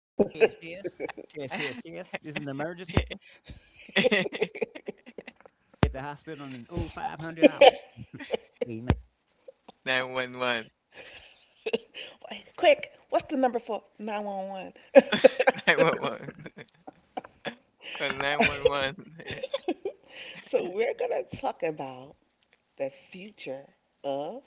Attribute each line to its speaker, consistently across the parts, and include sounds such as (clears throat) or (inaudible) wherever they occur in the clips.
Speaker 1: (laughs)
Speaker 2: Test, test, test. Test, test, test. This is an emergency. At the hospital in oh 0500 hours. Amen.
Speaker 3: 911.
Speaker 1: Quick, what's the number for 911? (laughs)
Speaker 3: (laughs) (laughs) Call 911.
Speaker 1: So we're gonna talk about the future of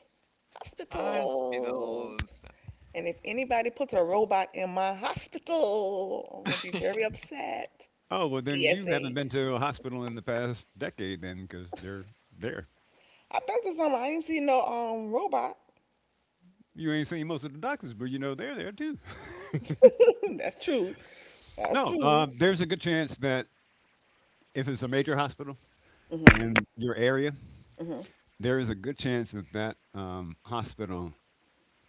Speaker 3: (laughs)
Speaker 1: hospitals.
Speaker 3: Hospitals.
Speaker 1: And if anybody puts a
Speaker 2: Yes.
Speaker 1: robot in my hospital, I'm gonna be very
Speaker 3: (laughs)
Speaker 1: upset.
Speaker 2: Oh well, then you haven't
Speaker 1: PSA.
Speaker 2: been to a hospital in the past decade, then, because they're there.
Speaker 1: I've been to some, I ain't seen no robot.
Speaker 2: You ain't seen most of the doctors, but you know they're there too.
Speaker 1: (laughs) That's true.
Speaker 2: (laughs)
Speaker 1: That's
Speaker 2: No,
Speaker 1: true.
Speaker 2: there's a good chance that if it's a major hospital
Speaker 1: Hmm.
Speaker 2: in your area,
Speaker 1: Hmm.
Speaker 2: there is a good chance that that hospital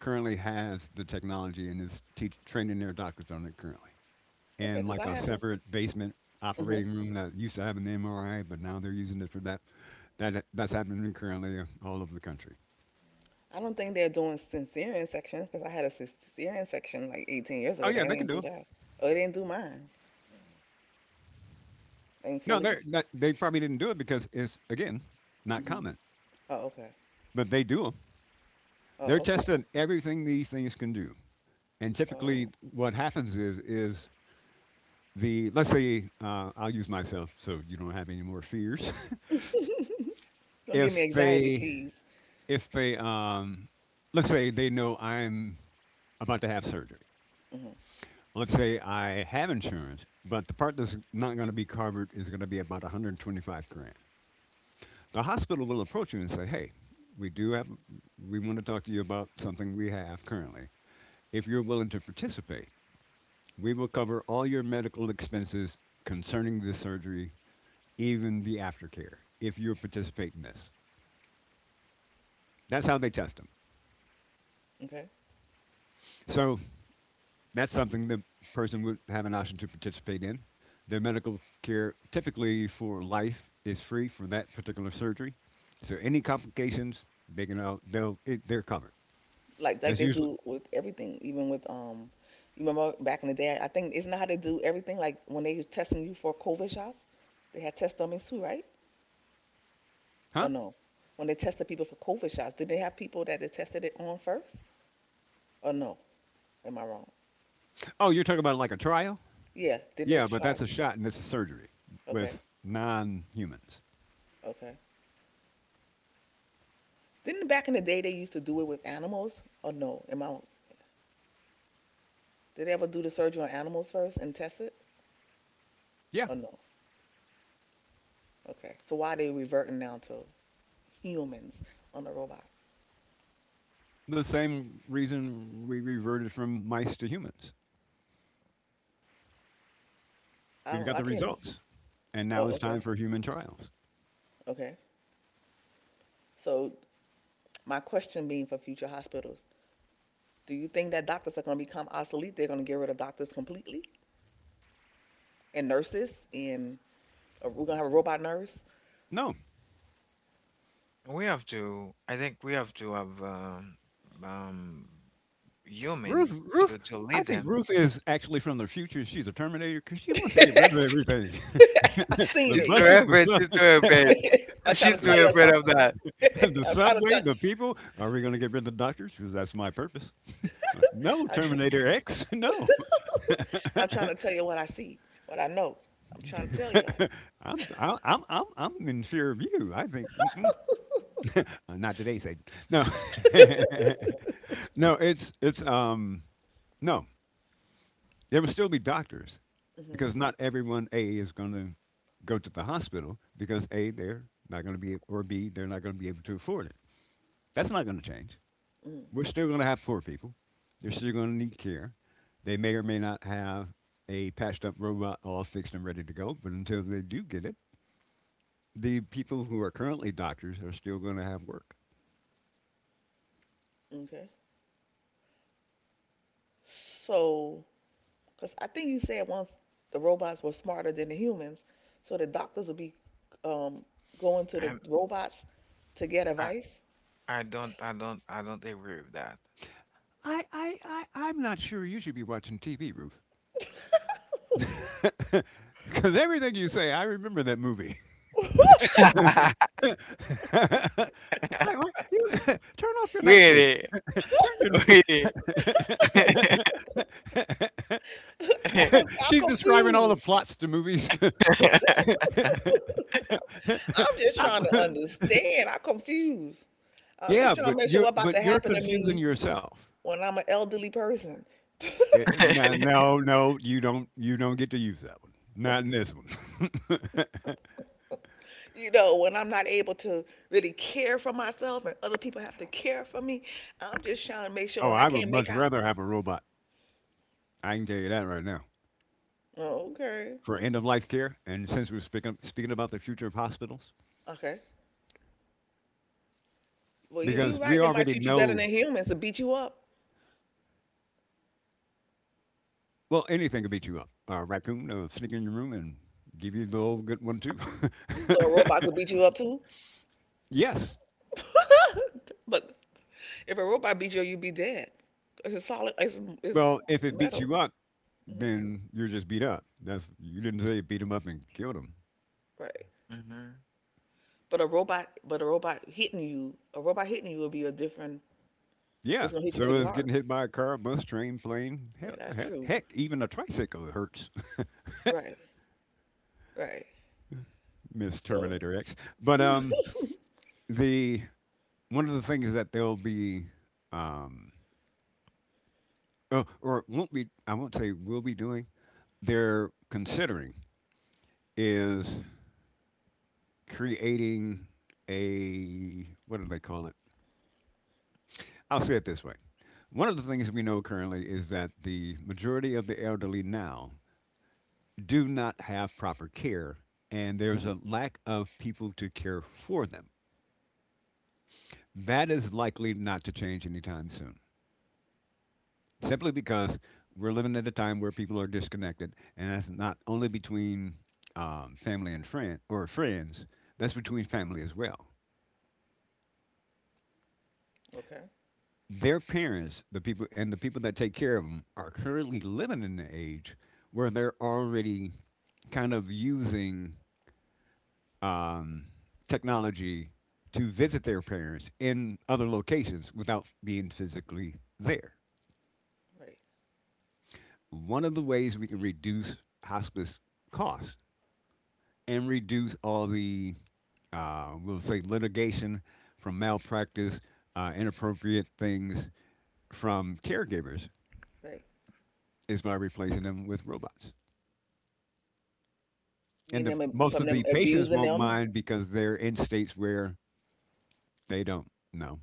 Speaker 2: currently has the technology and is training their doctors on it currently.
Speaker 1: Okay,
Speaker 2: And
Speaker 1: because
Speaker 2: like
Speaker 1: I
Speaker 2: a
Speaker 1: had a,
Speaker 2: separate basement
Speaker 1: hmm
Speaker 2: operating room that used to have an MRI, but now they're using it for that. That's happening currently all over the country.
Speaker 1: I don't think they're doing cesarean sections because I had a cesarean section like 18 years
Speaker 2: Oh
Speaker 1: ago.
Speaker 2: yeah,
Speaker 1: They
Speaker 2: they can
Speaker 1: didn't
Speaker 2: do
Speaker 1: do
Speaker 2: it.
Speaker 1: that. Oh, they didn't do mine.
Speaker 2: No, they
Speaker 1: Thankfully.
Speaker 2: they probably didn't do it because it's again not
Speaker 1: Hmm.
Speaker 2: common,
Speaker 1: Oh, okay.
Speaker 2: but they do them. They're
Speaker 1: Oh, okay.
Speaker 2: testing everything these things can do, and
Speaker 1: Oh.
Speaker 2: typically what happens is the, let's say, I'll use myself so you don't have any more fears. (laughs)
Speaker 1: (laughs) Don't give me
Speaker 2: if
Speaker 1: anxiety,
Speaker 2: they
Speaker 1: please.
Speaker 2: if they let's say they know I'm about to have surgery.
Speaker 1: Hmm.
Speaker 2: Let's say I have insurance, but the part that's not going to be covered is going to be about 125 grand. The hospital will approach you and say, "Hey, we do have, we want to talk to you about something we have currently. If you're willing to participate, we will cover all your medical expenses concerning this surgery, even the aftercare, if you participate in this." That's how they test them.
Speaker 1: Okay.
Speaker 2: So that's something the person would have an option to participate in. Their medical care, typically for life, is free for that particular surgery. So any complications, they're covered.
Speaker 1: Like
Speaker 2: That's
Speaker 1: they
Speaker 2: usually.
Speaker 1: do with everything, even with you remember back in the day? I think isn't that how they do everything? Like when they were testing you for COVID shots, they had test dummies too, right? Or
Speaker 2: Huh?
Speaker 1: no? When they tested people for COVID shots, did they have people that they tested it on first? Or no? Am I wrong?
Speaker 2: Oh, you're talking about like a trial?
Speaker 1: Yeah, didn't
Speaker 2: Yeah,
Speaker 1: they
Speaker 2: but
Speaker 1: try?
Speaker 2: that's a shot and it's a surgery
Speaker 1: Okay,
Speaker 2: with non-humans.
Speaker 1: okay. Didn't back in the day they used to do it with animals? Or no? Am I? Did they ever do the surgery on animals first and test it?
Speaker 2: Yeah,
Speaker 1: Or no? Okay. So why are they reverting now to humans on the robot?
Speaker 2: the same reason we reverted from mice to humans.
Speaker 1: I
Speaker 2: We've
Speaker 1: don't.
Speaker 2: got
Speaker 1: I
Speaker 2: the
Speaker 1: can't.
Speaker 2: results, and now
Speaker 1: Oh,
Speaker 2: it's time
Speaker 1: okay,
Speaker 2: for human trials.
Speaker 1: okay. So my question being for future hospitals, do you think that doctors are going to become obsolete? They're going to get rid of doctors completely and nurses and, or we're gonna have a robot nurse.
Speaker 2: No,
Speaker 3: I think we have to have um, human
Speaker 2: Ruth,
Speaker 3: to
Speaker 2: I
Speaker 3: lead
Speaker 2: think
Speaker 3: them.
Speaker 2: Ruth is actually from the future. She's a Terminator because she
Speaker 1: (laughs)
Speaker 2: wants to
Speaker 1: I've
Speaker 2: get rid of everything. (laughs) the
Speaker 1: seen
Speaker 3: She's
Speaker 1: it.
Speaker 3: too
Speaker 1: Yes.
Speaker 2: buses, the,
Speaker 3: afraid. She's too
Speaker 2: sub,
Speaker 3: afraid.
Speaker 1: (laughs) I'm
Speaker 2: (laughs)
Speaker 1: trying
Speaker 3: She's
Speaker 1: to
Speaker 3: too
Speaker 2: the
Speaker 1: tell you
Speaker 3: afraid of
Speaker 1: something.
Speaker 3: that.
Speaker 2: the
Speaker 1: (laughs) I'm trying to
Speaker 2: subway,
Speaker 1: tell.
Speaker 2: the people. Are we going to get rid of the doctors? Because that's my purpose. (laughs)
Speaker 1: (laughs)
Speaker 2: Like, no,
Speaker 1: I.
Speaker 2: Terminator X, (laughs) no.
Speaker 1: (laughs) I'm trying to tell you what I see, what I know. I'm trying to tell y'all. (laughs)
Speaker 2: (laughs) I'm in fear of you. I think. Mm-mm. Not today, Satan. No, (laughs) no, it's, no, there will still be doctors
Speaker 1: Mhm.
Speaker 2: because not everyone, A, is going to go to the hospital because A, they're not going to be, or B, they're not going to be able to afford it. That's not going to change.
Speaker 1: Mm.
Speaker 2: We're still going to have poor people. They're still going to need care. They may or may not have a patched up robot all fixed and ready to go, but until they do get it, the people who are currently doctors are still going to have work.
Speaker 1: Okay. So, because I think you said once the robots were smarter than the humans, so the doctors would be um, going to the
Speaker 3: I,
Speaker 1: robots to get
Speaker 3: I,
Speaker 1: advice.
Speaker 3: I don't, I don't agree with that.
Speaker 2: I'm not sure you should be watching TV, Ruth.
Speaker 1: (laughs)
Speaker 2: (laughs) Because everything you say, I remember that movie. (laughs)
Speaker 1: (laughs) I'm,
Speaker 2: (laughs) Like, what? You (laughs) turn off
Speaker 3: (laughs)
Speaker 2: your Netflix.
Speaker 3: Really?
Speaker 2: Turn
Speaker 3: Really?
Speaker 2: your
Speaker 3: (laughs)
Speaker 2: (laughs)
Speaker 1: I'm
Speaker 2: She's describing all the
Speaker 1: confused.
Speaker 2: plots to movies.
Speaker 1: (laughs)
Speaker 3: (laughs)
Speaker 1: I'm
Speaker 2: (laughs)
Speaker 1: just
Speaker 2: Stop.
Speaker 1: trying to
Speaker 2: (laughs)
Speaker 1: understand. I'm confused. I'm just
Speaker 2: Yeah,
Speaker 1: trying
Speaker 2: but
Speaker 1: to make sure
Speaker 2: you're
Speaker 1: what about
Speaker 2: but
Speaker 1: to
Speaker 2: you're
Speaker 1: happen to
Speaker 2: confusing
Speaker 1: me
Speaker 2: yourself.
Speaker 1: when I'm an elderly person.
Speaker 2: No, no, no, you don't. You don't get to use that one. Not in
Speaker 1: (laughs)
Speaker 2: this one. (laughs)
Speaker 1: When I'm not able to really care for myself and other people have to care for me. I'm just trying to make sure
Speaker 2: Oh,
Speaker 1: when I
Speaker 2: I would
Speaker 1: can't make
Speaker 2: much
Speaker 1: out.
Speaker 2: rather have a robot. I can tell you that right now
Speaker 1: Oh, okay.
Speaker 2: for end of life care. And since we're speaking about the future of hospitals,
Speaker 1: Okay. Well, you're
Speaker 2: because we
Speaker 1: right. They might
Speaker 2: already
Speaker 1: treat you better
Speaker 2: know.
Speaker 1: than humans to beat you up.
Speaker 2: Well, anything could beat you up. A raccoon sneak in your room and give you the old good one too.
Speaker 1: So a robot
Speaker 2: (laughs)
Speaker 1: could beat you up too.
Speaker 2: Yes.
Speaker 1: (laughs) But if a robot beat you, you'd be dead. It's a solid. It's
Speaker 2: Well, if it beats
Speaker 1: metal.
Speaker 2: you up,
Speaker 1: Mhm.
Speaker 2: then you're just beat up. That's, you didn't say beat him up and killed him.
Speaker 1: Right.
Speaker 3: Mhm,
Speaker 1: But a robot hitting you, A robot hitting you will be a different.
Speaker 2: Yeah.
Speaker 1: It's gonna hit you
Speaker 2: So
Speaker 1: pretty
Speaker 2: it's
Speaker 1: hard.
Speaker 2: getting hit by a car, bus, train, plane.
Speaker 1: Yeah,
Speaker 2: Hell,
Speaker 1: that's true.
Speaker 2: heck, even a tricycle hurts.
Speaker 1: Right. Right.
Speaker 2: (laughs) Miss
Speaker 1: So.
Speaker 2: Terminator X. But
Speaker 1: (laughs)
Speaker 2: the one of the things that they'll be, um, oh, or won't be. I won't say will be doing. They're considering is creating a, what do they call it? I'll say it this way. One of the things we know currently is that the majority of the elderly now do not have proper care, and there's a lack of people to care for them. That is likely not to change anytime soon, simply because we're living at a time where people are disconnected, and that's not only between family and friend or friends, that's between family as well.
Speaker 1: Okay.
Speaker 2: Their parents, the people, and the people that take care of them, are currently living in the age where they're already kind of using um, technology to visit their parents in other locations without being physically there.
Speaker 1: Right.
Speaker 2: One of the ways we can reduce hospice costs and reduce all the, we'll say, litigation from malpractice, inappropriate things from caregivers
Speaker 1: Right.
Speaker 2: is by replacing them with robots.
Speaker 1: Me
Speaker 2: And
Speaker 1: and
Speaker 2: the
Speaker 1: them
Speaker 2: most
Speaker 1: from
Speaker 2: of the
Speaker 1: them
Speaker 2: patients
Speaker 1: abusing
Speaker 2: won't
Speaker 1: them.
Speaker 2: mind because they're in states where they don't know,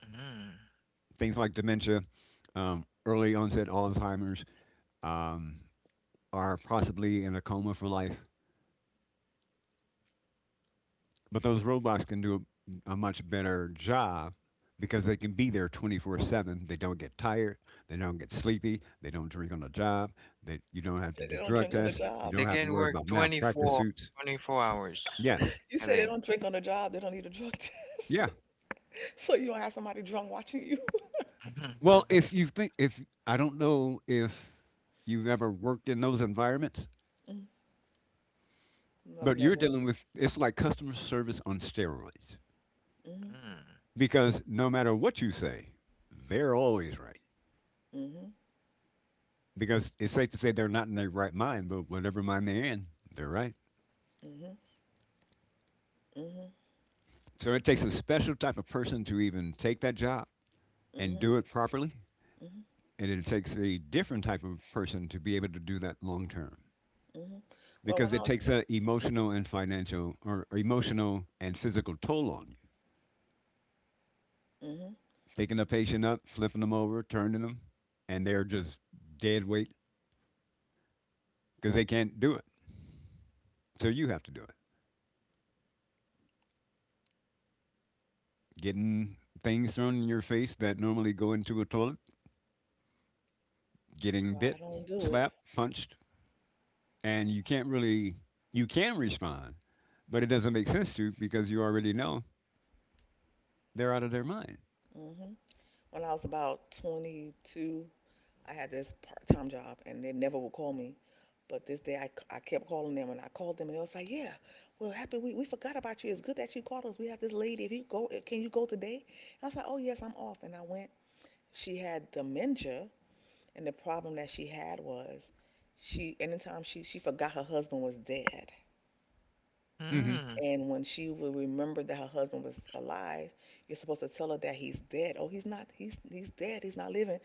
Speaker 3: mhm.
Speaker 2: things like dementia, early onset Alzheimer's, um, are possibly in a coma for life. But those robots can do a much better job because they can be there 24/7. They don't get tired, they don't get sleepy, they don't drink on the job, they, you don't have to
Speaker 1: Said
Speaker 2: do
Speaker 1: they don't
Speaker 2: drug
Speaker 1: drink on the
Speaker 2: tests, you
Speaker 1: job.
Speaker 3: They
Speaker 2: don't have to
Speaker 3: can
Speaker 2: worry
Speaker 3: work
Speaker 2: about
Speaker 3: twenty
Speaker 2: malpractice
Speaker 3: four
Speaker 2: suits.
Speaker 3: twenty four hours
Speaker 2: Yes.
Speaker 1: You
Speaker 3: a
Speaker 1: said they
Speaker 3: day.
Speaker 1: don't drink on the job. They don't need a drug (laughs) test.
Speaker 2: Yeah.
Speaker 1: So you don't have somebody drunk watching you. (laughs)
Speaker 2: Well, if
Speaker 3: (laughs)
Speaker 2: you think if, I don't know if you've ever worked in those environments,
Speaker 1: Mm. I've
Speaker 2: but you're
Speaker 1: never.
Speaker 2: dealing with, it's like customer service on steroids
Speaker 1: Mhm.
Speaker 2: because no matter what you say, they're always right.
Speaker 1: Mhm.
Speaker 2: Because it's safe to say they're not in their right mind, but whatever mind they're in, they're right.
Speaker 1: Mhm. Mhm.
Speaker 2: So it takes a special type of person to even take that job and
Speaker 1: Hmm.
Speaker 2: do it properly,
Speaker 1: Hmm.
Speaker 2: and it takes a different type of person to be able to do that long term.
Speaker 1: Hmm. Well, when
Speaker 2: Because
Speaker 1: I
Speaker 2: it
Speaker 1: was,
Speaker 2: takes an emotional and financial, or emotional and physical, toll on you.
Speaker 1: hmm
Speaker 2: Picking a patient up, flipping them over, turning them, and they're just dead weight because they can't do it. So you have to do it. Getting things thrown in your face that normally go into a toilet, getting
Speaker 1: so I
Speaker 2: bit,
Speaker 1: don't do it.
Speaker 2: slapped, punched, and you can't really, you can respond, but it doesn't make sense to you because you already know they're out of their mind.
Speaker 1: Hmm. When I was about 22, I had this part-time job, and they never would call me. But this day, I kept calling them, and I called them, and they was like, "Yeah, well, happy we forgot about you. It's good that you called us. We have this lady. If you go, can you go today?" And I was like, "Oh yes, I'm off." And I went. She had dementia, and the problem that she had was, she anytime she forgot her husband was dead.
Speaker 2: hmm.
Speaker 1: And when she will remember that her husband was alive, you're supposed to tell her that he's dead. Oh, he's not. He's dead. He's not living.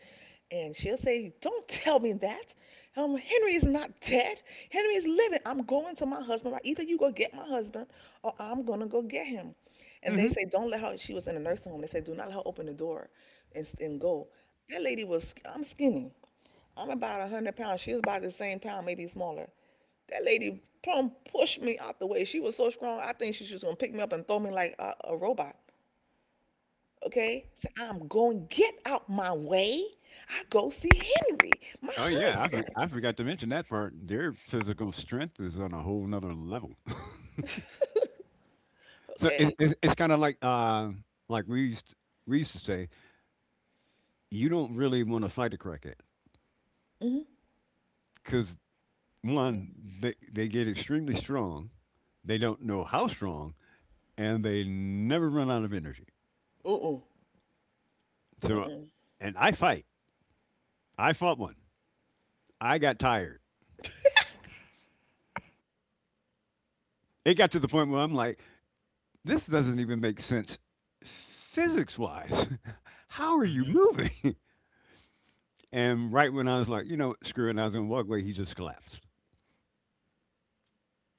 Speaker 1: And she'll say, "Don't tell me that. Henry is not dead. Henry is living. I'm going to my husband. Right? Either you go get my husband, or I'm gonna go get him." And they say, "Don't let her." She was in a nursing home. They say, "Do not let her open the door, and go." That lady was. I'm skinny. I'm about 100 pounds. She was about the same pound, maybe smaller. That lady plumb pushed me out the way. She was so strong, I think she was gonna pick me up and throw me like a robot. Okay? So I'm going, get out my way. I go see Henry, my
Speaker 2: Oh yeah,
Speaker 1: husband.
Speaker 2: I forgot to mention that part. Their physical strength is on a whole nother level. (laughs)
Speaker 1: (laughs)
Speaker 2: So
Speaker 1: Okay?
Speaker 2: it's kind of like, like we used to say, you don't really want to fight a crackhead
Speaker 1: Mm-hmm.
Speaker 2: because one, they get extremely strong, they don't know how strong, and they never run out of energy.
Speaker 1: Mm-hmm. Mm-mm.
Speaker 2: So,
Speaker 1: Mm-mm.
Speaker 2: and I fight. I fought one. I got tired. It got to the point where I'm like, this doesn't even make sense physics wise. (laughs) How
Speaker 3: Mhm,
Speaker 2: are you
Speaker 3: mhm.
Speaker 2: moving? (laughs) And right when I was like, you know, screw it, and I was going to walk away, he just collapsed.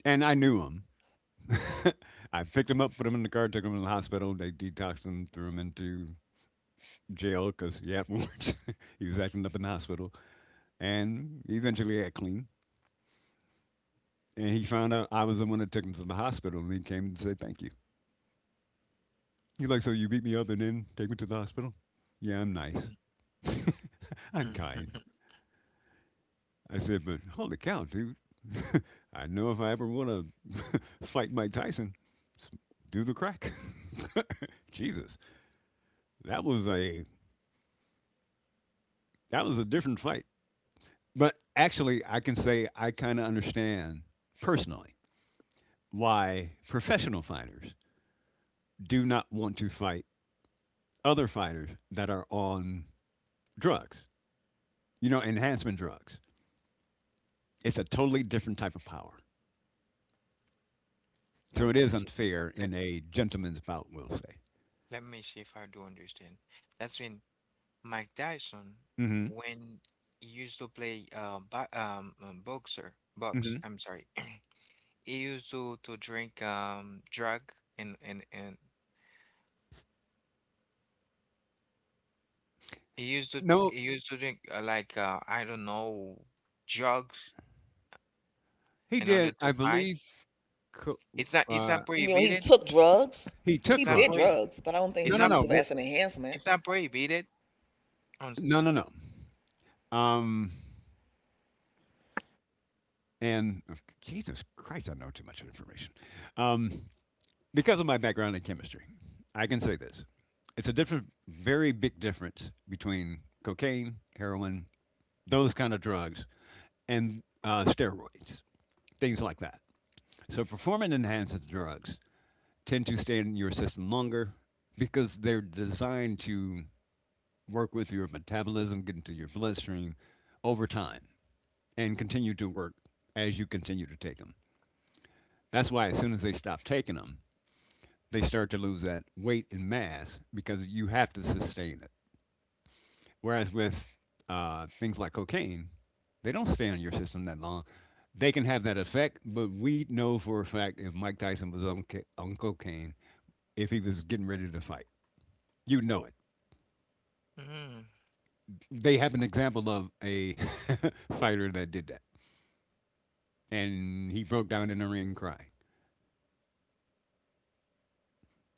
Speaker 2: And I knew him. (laughs) I picked him up, put him in the car, took him to the hospital. They detoxed him, threw him into jail because he had warrants. (laughs) He was acting up in the hospital. And he eventually got clean. And he found out I was the one that took him to the hospital. And he came and said, thank you. He's like, so you beat me up and then take me to the hospital? Yeah, I'm nice. (laughs) I'm kind.
Speaker 3: (laughs)
Speaker 2: I said, but holy cow, dude. (laughs) I know if I ever want to (laughs) fight Mike Tyson, s- do the crack. (laughs) Jesus, that was a that was a different fight. But actually, I can say I kind of understand personally why professional fighters do not want to fight other fighters that are on drugs, you know, enhancement drugs. It's a totally different type of power.
Speaker 3: Uh,
Speaker 2: So it is unfair
Speaker 3: Let,
Speaker 2: in a gentleman's bout, we'll say.
Speaker 3: let me see if I do understand. That's when Mike Tyson,
Speaker 2: Hmm.
Speaker 3: when he used to play bo boxer, box,
Speaker 2: Hmm.
Speaker 3: I'm sorry, (clears throat) he used to drink drug and he used to he
Speaker 2: No.
Speaker 3: used to drink like I don't know drugs
Speaker 2: He
Speaker 3: in order
Speaker 2: did,
Speaker 3: to
Speaker 2: I
Speaker 3: hide.
Speaker 2: believe, co
Speaker 3: It's not
Speaker 2: uh,
Speaker 1: You mean when he
Speaker 3: prohibited.
Speaker 1: took drugs?
Speaker 2: he
Speaker 3: It's
Speaker 2: took
Speaker 1: He
Speaker 3: not pro
Speaker 1: did
Speaker 2: drugs.
Speaker 1: drugs, but I don't think
Speaker 3: it's
Speaker 1: he
Speaker 2: No, no,
Speaker 3: not
Speaker 1: used
Speaker 2: no,
Speaker 1: it
Speaker 2: we're
Speaker 1: as an enhancement
Speaker 3: it's not prohibited on
Speaker 2: no, no, no, um, and of Jesus Christ, I know too much information. Um, because of my background in chemistry, I can say this. It's a different, very big difference between cocaine, heroin, those kind of drugs, and steroids, things like that. So performance enhancing drugs tend to stay in your system longer because they're designed to work with your metabolism, get into your bloodstream over time, and continue to work as you continue to take them. That's why as soon as they stop taking them, they start to lose that weight and mass because you have to sustain it. Whereas with things like cocaine, they don't stay on your system that long. They can have that effect, but we know for a fact if Mike Tyson was on, on cocaine, if he was getting ready to fight, you know it.
Speaker 3: mm-hmm.
Speaker 2: They have an example of a (laughs) fighter that did that, and he broke down in the ring crying.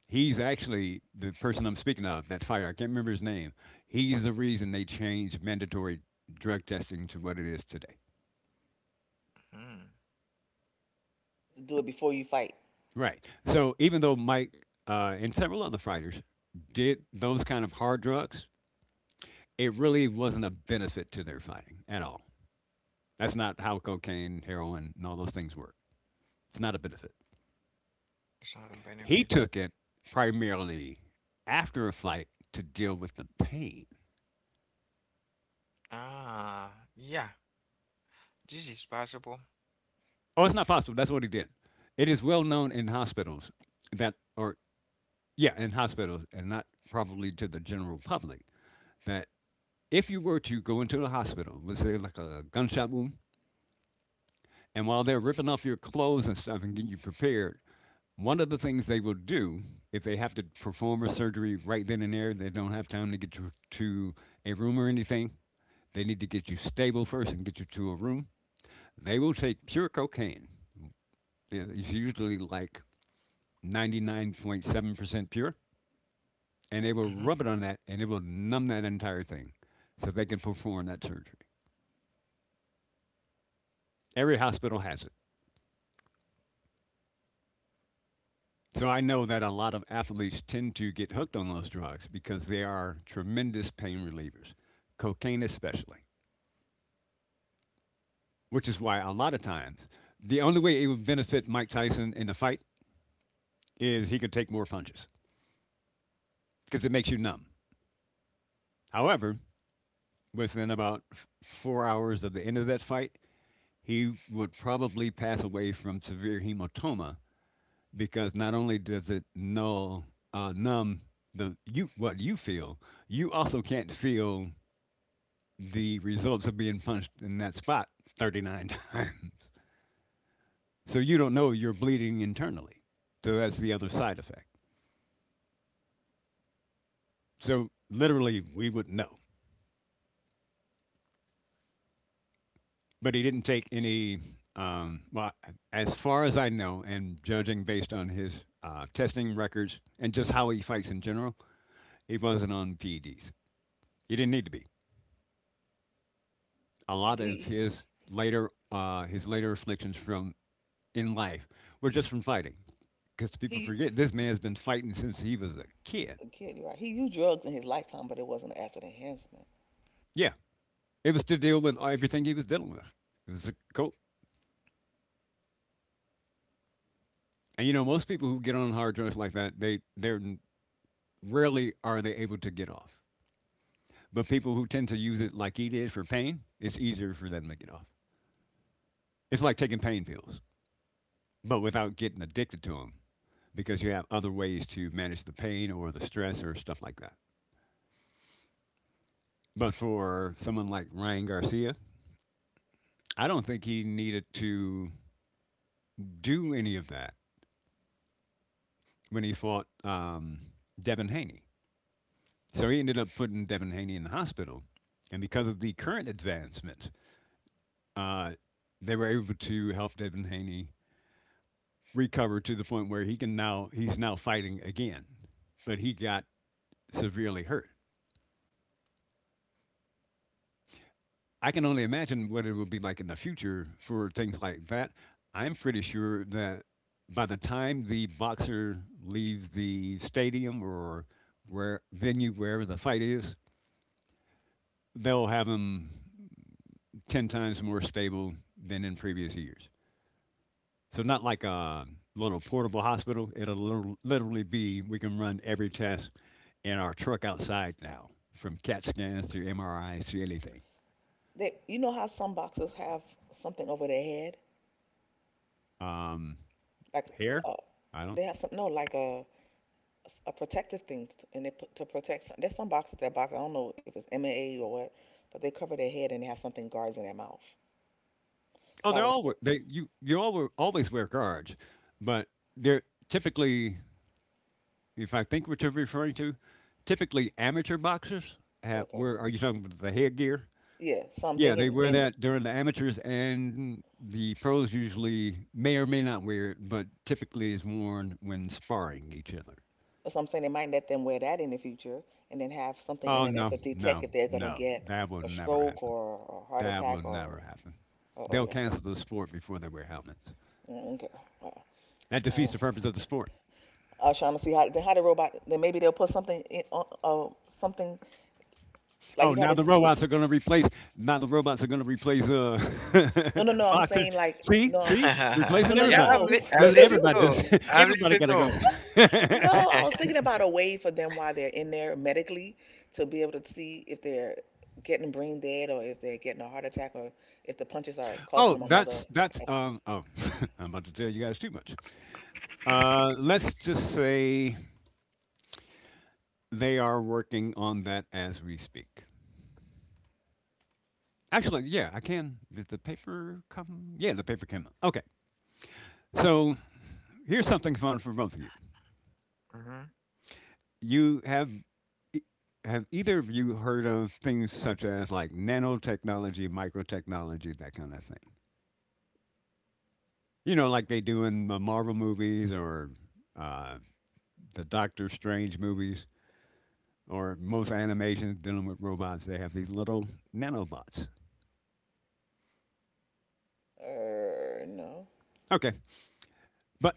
Speaker 2: He's actually the person I'm speaking of, that fighter. I can't remember his name. He's the reason they changed mandatory drug testing to what it is today.
Speaker 3: Mm-hmm.
Speaker 1: to do it before you fight.
Speaker 2: Right. So even though Mike and several other fighters did those kind of hard drugs, it really wasn't a benefit to their fighting at all. That's not how cocaine, heroin, and all those things work. It's not a benefit.
Speaker 3: It's not a benefit.
Speaker 2: He took it primarily after a fight to deal with the pain.
Speaker 3: Ah, yeah. This is possible.
Speaker 2: Oh, it's not possible. That's what he did. It is well known in hospitals that, or yeah, in hospitals and not probably to the general public, that if you were to go into the hospital, let's say like a gunshot wound, and while they're ripping off your clothes and stuff and getting you prepared, one of the things they will do if they have to perform a surgery right then and there, they don't have time to get you to a room or anything. They need to get you stable first and get you to a room. They will take pure cocaine. Yeah, it's usually like 99.7% pure, and they will
Speaker 3: Hmm.
Speaker 2: rub it on that and it will numb that entire thing so they can perform that surgery. Every hospital has it. So I know that a lot of athletes tend to get hooked on those drugs because they are tremendous pain relievers, cocaine especially, which is why a lot of times the only way it would benefit Mike Tyson in the fight is he could take more punches because it makes you numb. However, within about 4 hours of the end of that fight, he would probably pass away from severe hematoma because not only does it null numb the you what you feel, you also can't feel the results of being punched in that spot 39 (laughs) times. So you don't know you're bleeding internally. So that's the other side effect. So literally, we would know. But he didn't take any. Um, well, as far as I know, and judging based on his testing records and just how he fights in general, he wasn't on PEDs. He didn't need to be. A
Speaker 1: He,
Speaker 2: lot of
Speaker 1: he,
Speaker 2: his later afflictions from in life were just from fighting, because people
Speaker 1: he,
Speaker 2: forget this man's been fighting since he was a kid.
Speaker 1: Kid, you're right. He used drugs in his lifetime, but it wasn't as an enhancement.
Speaker 2: Yeah, it was to deal with everything he was dealing with. It was a cool. And you know, most people who get on hard drugs like that, they they're rarely are they able to get off. But people who tend to use it like he did for pain, it's easier for them to get off. It's like taking pain pills, but without getting addicted to them because you have other ways to manage the pain or the stress or stuff like that. But for someone like Ryan Garcia, I don't think he needed to do any of that when he fought Devin Haney. So he ended up putting Devin Haney in the hospital. And because of the current advancements, uh, they were able to help Devin Haney recover to the point where he's now fighting again, but he got severely hurt. I can only imagine what it will be like in the future for things like that. I'm pretty sure that by the time the boxer leaves the stadium or wherever the fight is, they'll have him 10 times more stable than in previous years. So not like a little portable hospital. It'll literally be we can run every test in our truck outside now, from CAT scans to MRIs to anything.
Speaker 1: You know how some boxers have something over their head,
Speaker 2: Um,
Speaker 1: like
Speaker 2: hair,
Speaker 1: uh,
Speaker 2: I don't
Speaker 1: they have some no, like a protective thing, and they put to protect. There's some boxers that box. I don't know if it's MMA or what, but they cover their head and they have something guards in their mouth.
Speaker 2: oh,
Speaker 1: So I
Speaker 2: they're
Speaker 1: was
Speaker 2: all
Speaker 1: thinking,
Speaker 2: they you you all always wear guards, but they're typically, if I think what you're referring to, typically amateur boxers have.
Speaker 1: okay,
Speaker 2: Where are you talking about the headgear?
Speaker 1: yeah. So I'm
Speaker 2: Yeah, they
Speaker 1: thinking,
Speaker 2: wear
Speaker 1: in
Speaker 2: that during the amateurs, and the pros usually may or may not wear it, but typically is worn when sparring each other.
Speaker 1: so I'm saying they might let them wear that in the future, and then have something in
Speaker 2: Oh
Speaker 1: it that
Speaker 2: no,
Speaker 1: could detect
Speaker 2: no,
Speaker 1: if they're gonna
Speaker 2: no,
Speaker 1: get
Speaker 2: that will
Speaker 1: a
Speaker 2: never
Speaker 1: stroke
Speaker 2: happen.
Speaker 1: or a heart
Speaker 2: That
Speaker 1: attack
Speaker 2: will
Speaker 1: or,
Speaker 2: never happen.
Speaker 1: or
Speaker 2: They'll
Speaker 1: okay.
Speaker 2: cancel the sport before they wear helmets.
Speaker 1: Mm, okay.
Speaker 2: That defeats
Speaker 1: Wow.
Speaker 2: the purpose of the sport.
Speaker 1: I was trying to see how the robot. Then maybe they'll put something in on something like
Speaker 2: Oh,
Speaker 1: you know how
Speaker 2: now
Speaker 1: to.
Speaker 2: the robots are going to replace. Now the robots are going to replace
Speaker 1: No, no, no.
Speaker 2: (laughs)
Speaker 1: I'm
Speaker 2: boxers.
Speaker 1: saying like
Speaker 2: See,
Speaker 1: no,
Speaker 2: see,
Speaker 1: no,
Speaker 3: (laughs)
Speaker 2: replacing
Speaker 1: no,
Speaker 2: everybody.
Speaker 1: no.
Speaker 3: I'm
Speaker 2: Just
Speaker 3: listening
Speaker 2: everybody,
Speaker 1: (laughs)
Speaker 3: to.
Speaker 2: just (laughs)
Speaker 3: I'm
Speaker 2: everybody
Speaker 3: listening
Speaker 2: got to
Speaker 3: to.
Speaker 2: go. (laughs)
Speaker 1: No, I was
Speaker 3: (laughs)
Speaker 1: thinking about a way for them while they're in there medically to be able to see if they're getting brain dead or if they're getting a heart attack or if the punches are causing
Speaker 2: oh,
Speaker 1: them another.
Speaker 2: that's that's. Oh, (laughs) I'm about to tell you guys too much. Let's just say they are working on that as we speak. Actually, yeah, I can. Did the paper come? Yeah, the paper came out. Okay, so here's something fun for both of you.
Speaker 3: Mm-hmm.
Speaker 2: You have e- have either of you heard of things such as like nanotechnology, microtechnology, that kind of thing? You know, like they do in the Marvel movies or uh, the Doctor Strange movies or most animations dealing with robots. They have these little nanobots.
Speaker 1: No,
Speaker 2: Okay, but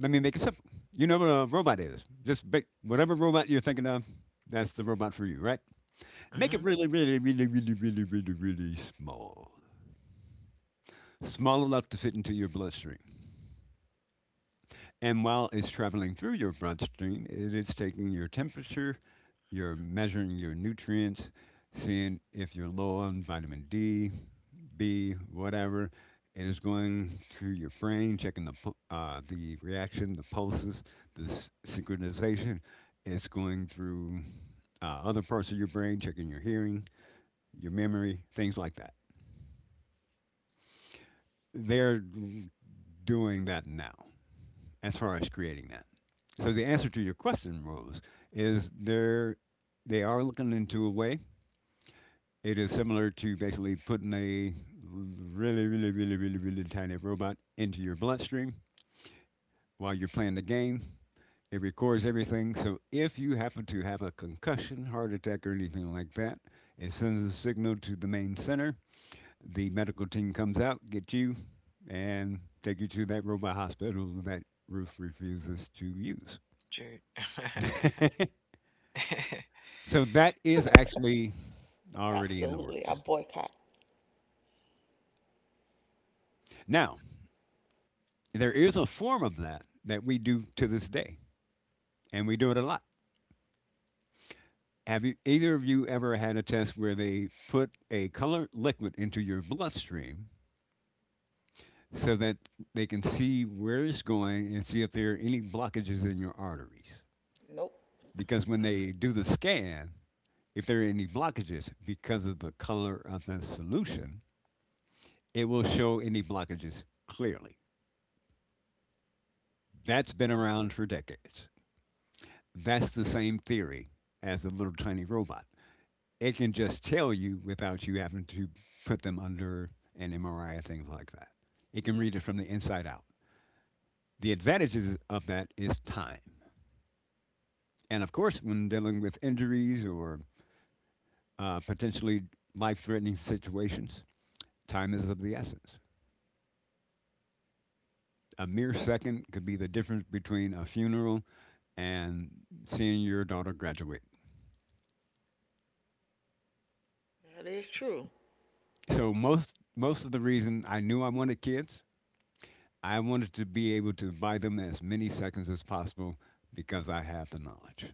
Speaker 2: let me make it simple. You know what a robot is. Just make whatever robot you're thinking of, that's the robot for you, right? Make it
Speaker 3: Mm-hmm.
Speaker 2: really, really, really, really, really, really, really small. Small enough to fit into your bloodstream. And while it's traveling through your bloodstream, it is taking your temperature, you're measuring your nutrients, seeing if you're low on vitamin D, B, whatever. It is going through your brain, checking the reaction, the pulses, the synchronization. It's going through other parts of your brain, checking your hearing, your memory, things like that. They're doing that now, as far as creating that. So the answer to your question, Rose, is they are looking into a way. It is similar to basically putting a really, really, really, really, really tiny robot into your bloodstream while you're playing the game. It records everything. So if you happen to have a concussion, heart attack, or anything like that, it sends a signal to the main center. The medical team comes out, get you, and take you to that robot hospital that Ruth refuses to use.
Speaker 3: True. (laughs)
Speaker 2: So that is actually already in the
Speaker 1: absolutely. I
Speaker 2: works.
Speaker 1: boycott.
Speaker 2: Now, there is a form of that that we do to this day, and we do it a lot. Have you, either of you ever had a test where they put a colored liquid into your bloodstream so that they can see where it's going and see if there are any blockages in your arteries?
Speaker 1: Nope.
Speaker 2: Because when they do the scan, if there are any blockages because of the color of the solution, it will show any blockages clearly. That's been around for decades. That's the same theory as the little tiny robot. It can just tell you without you having to put them under an MRI, or things like that. It can read it from the inside out. The advantages of that is time. And of course, when dealing with injuries or potentially life threatening situations, time is of the essence. A mere second could be the difference between a funeral and seeing your daughter graduate.
Speaker 1: That is true.
Speaker 2: So, most of the reason I knew I wanted kids I wanted to be able to buy them as many seconds as possible because I have the knowledge.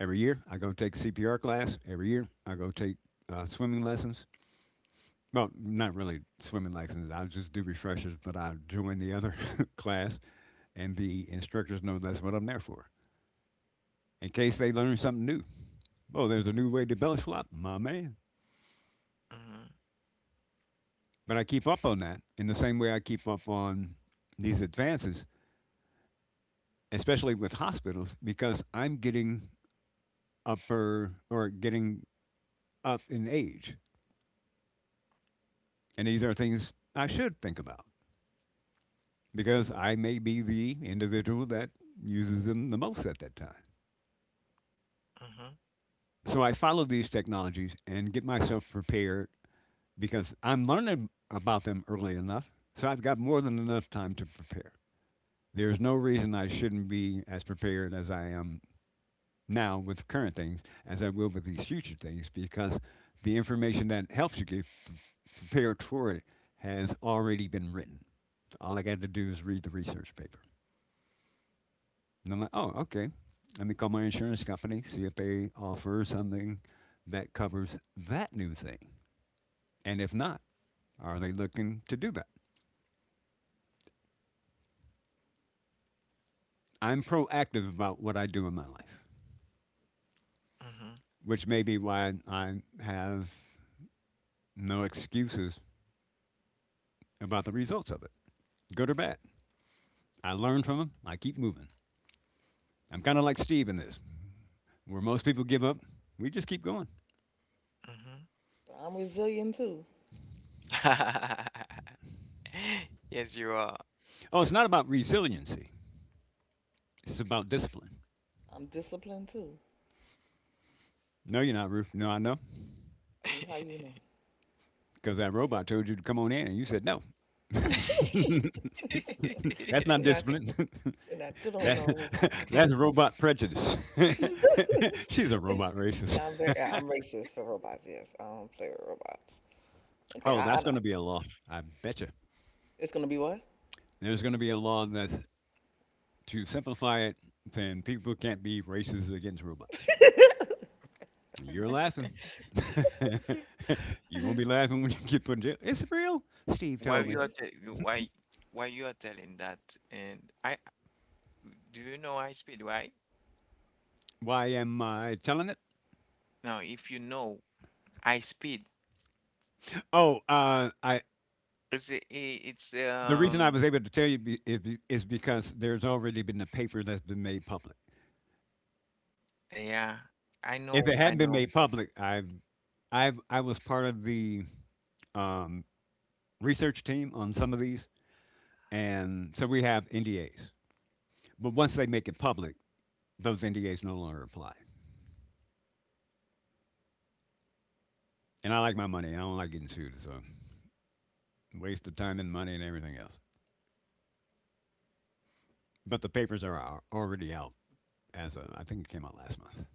Speaker 2: Every year, I go take CPR class. Every year, I go take swimming lessons. Well, not really swimming lessons. I just do refreshers, but I join the other (laughs) class, and the instructors know that's what I'm there for. In case they learn something new. Oh, there's a new way to belly flop, my man.
Speaker 3: Mm-hmm.
Speaker 2: But I keep up on that in the same way I keep up on these advances, especially with hospitals, because I'm getting upper or getting up in age. And these are things I should think about because I may be the individual that uses them the most at that time.
Speaker 3: Mm-hmm.
Speaker 2: So I follow these technologies and get myself prepared because I'm learning about them early enough. So I've got more than enough time to prepare. There's no reason I shouldn't be as prepared as I am now with current things as I will with these future things because the information that helps you get prepared for it has already been written. All I got to do is read the research paper. And I'm like, oh, okay. Let me call my insurance company, see if they offer something that covers that new thing. And if not, are they looking to do that? I'm proactive about what I do in my life,
Speaker 3: Mm-hmm.
Speaker 2: which may be why I have no excuses about the results of it, good or bad. I learn from them. I keep moving. I'm kind of like Steve in this, where most people give up. We just keep going.
Speaker 1: But I'm resilient too.
Speaker 3: Mm-hmm. (laughs) (laughs) (laughs) Yes, you are.
Speaker 2: Oh, it's not about resiliency. It's about discipline.
Speaker 1: I'm disciplined too.
Speaker 2: No, you're not, Ruth. No, I know.
Speaker 1: How you know?
Speaker 2: Because that robot told you to come on in, and you said no. (laughs) That's
Speaker 1: (laughs)
Speaker 2: not
Speaker 1: You're not
Speaker 2: discipline.
Speaker 1: They're not
Speaker 2: (laughs)
Speaker 1: dealing with no
Speaker 2: that,
Speaker 1: robots.
Speaker 2: that's robot prejudice. (laughs)
Speaker 3: (laughs)
Speaker 2: She's a robot
Speaker 1: (laughs)
Speaker 2: racist.
Speaker 1: Yeah, yeah, I'm racist for robots. Yes, I don't play with robots. Okay,
Speaker 2: Oh,
Speaker 1: I
Speaker 2: that's going
Speaker 1: don't-
Speaker 2: to be a law. I betcha.
Speaker 1: it's gonna be what? (laughs)
Speaker 2: There's going to be a law that's to simplify it, saying people can't be racist against robots. You're laughing. (laughs) You won't be laughing when you get put in jail. It's real. Steve
Speaker 3: Why you
Speaker 2: told
Speaker 3: are
Speaker 2: me.
Speaker 1: Mm.
Speaker 3: te- why why you are telling that, and I do you know high speed? Why?
Speaker 2: Why am I telling it?
Speaker 3: Now, if you know high speed,
Speaker 2: Oh, I.
Speaker 3: it's a- i- it's
Speaker 2: The reason I was able to tell you is because there's already been a paper that's been made public.
Speaker 3: yeah, I
Speaker 2: If
Speaker 3: know,
Speaker 2: it
Speaker 3: I
Speaker 2: hadn't been
Speaker 3: know.
Speaker 2: made public, I was part of the um, research team on some of these, and so we have NDAs. But once they make it public, those NDAs no longer apply. And I like my money. I don't like getting sued. So waste of time and money and everything else. But the papers are already out as of, I think it came out last month.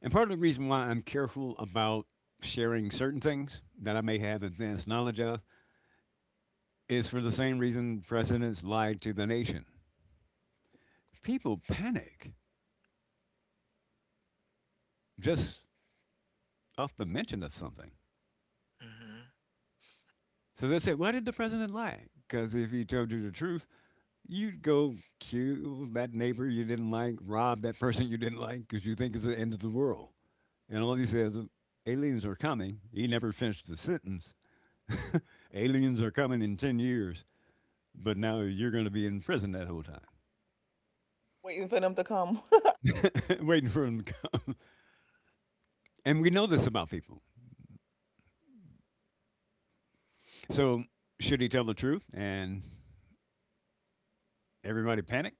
Speaker 2: And part of the reason why I'm careful about sharing certain things that I may have advanced knowledge of is for the same reason presidents lied to the nation. People panic just off the mention of something.
Speaker 3: Mhm.
Speaker 2: So they say, why did the president lie? Because if he told you the truth, you'd go kill that neighbor you didn't like, rob that person you didn't like, because you think it's the end of the world. And all he says, aliens are coming. He never finished the sentence. Aliens are coming in 10 years, but now you're going to be in prison that whole time,
Speaker 1: Waiting for them to come. (laughs)
Speaker 2: (laughs) waiting for them to come. (laughs) And we know this about people. So, should he tell the truth and everybody panic?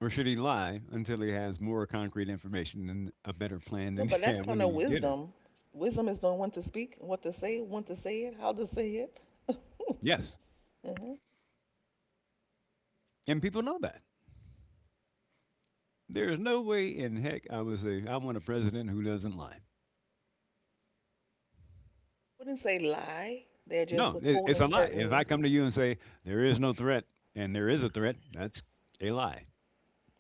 Speaker 2: Or should he lie until he has more concrete information and a better plan
Speaker 1: No,
Speaker 2: than (laughs) he
Speaker 1: but that's
Speaker 2: had
Speaker 1: kind
Speaker 2: when
Speaker 1: of
Speaker 2: he did it?
Speaker 1: wisdom. Wisdom is knowing when to speak, what to say, when to say it, how to say it.
Speaker 2: Yes.
Speaker 1: Hmm.
Speaker 2: And people know that. There is no way in heck I would say, I want a president who doesn't lie.
Speaker 1: Wouldn't say lie. They're just
Speaker 2: No, it's
Speaker 1: withholding
Speaker 2: a lie. If I
Speaker 1: certain.
Speaker 2: come to you and say, there is no threat and there is a threat, that's a lie.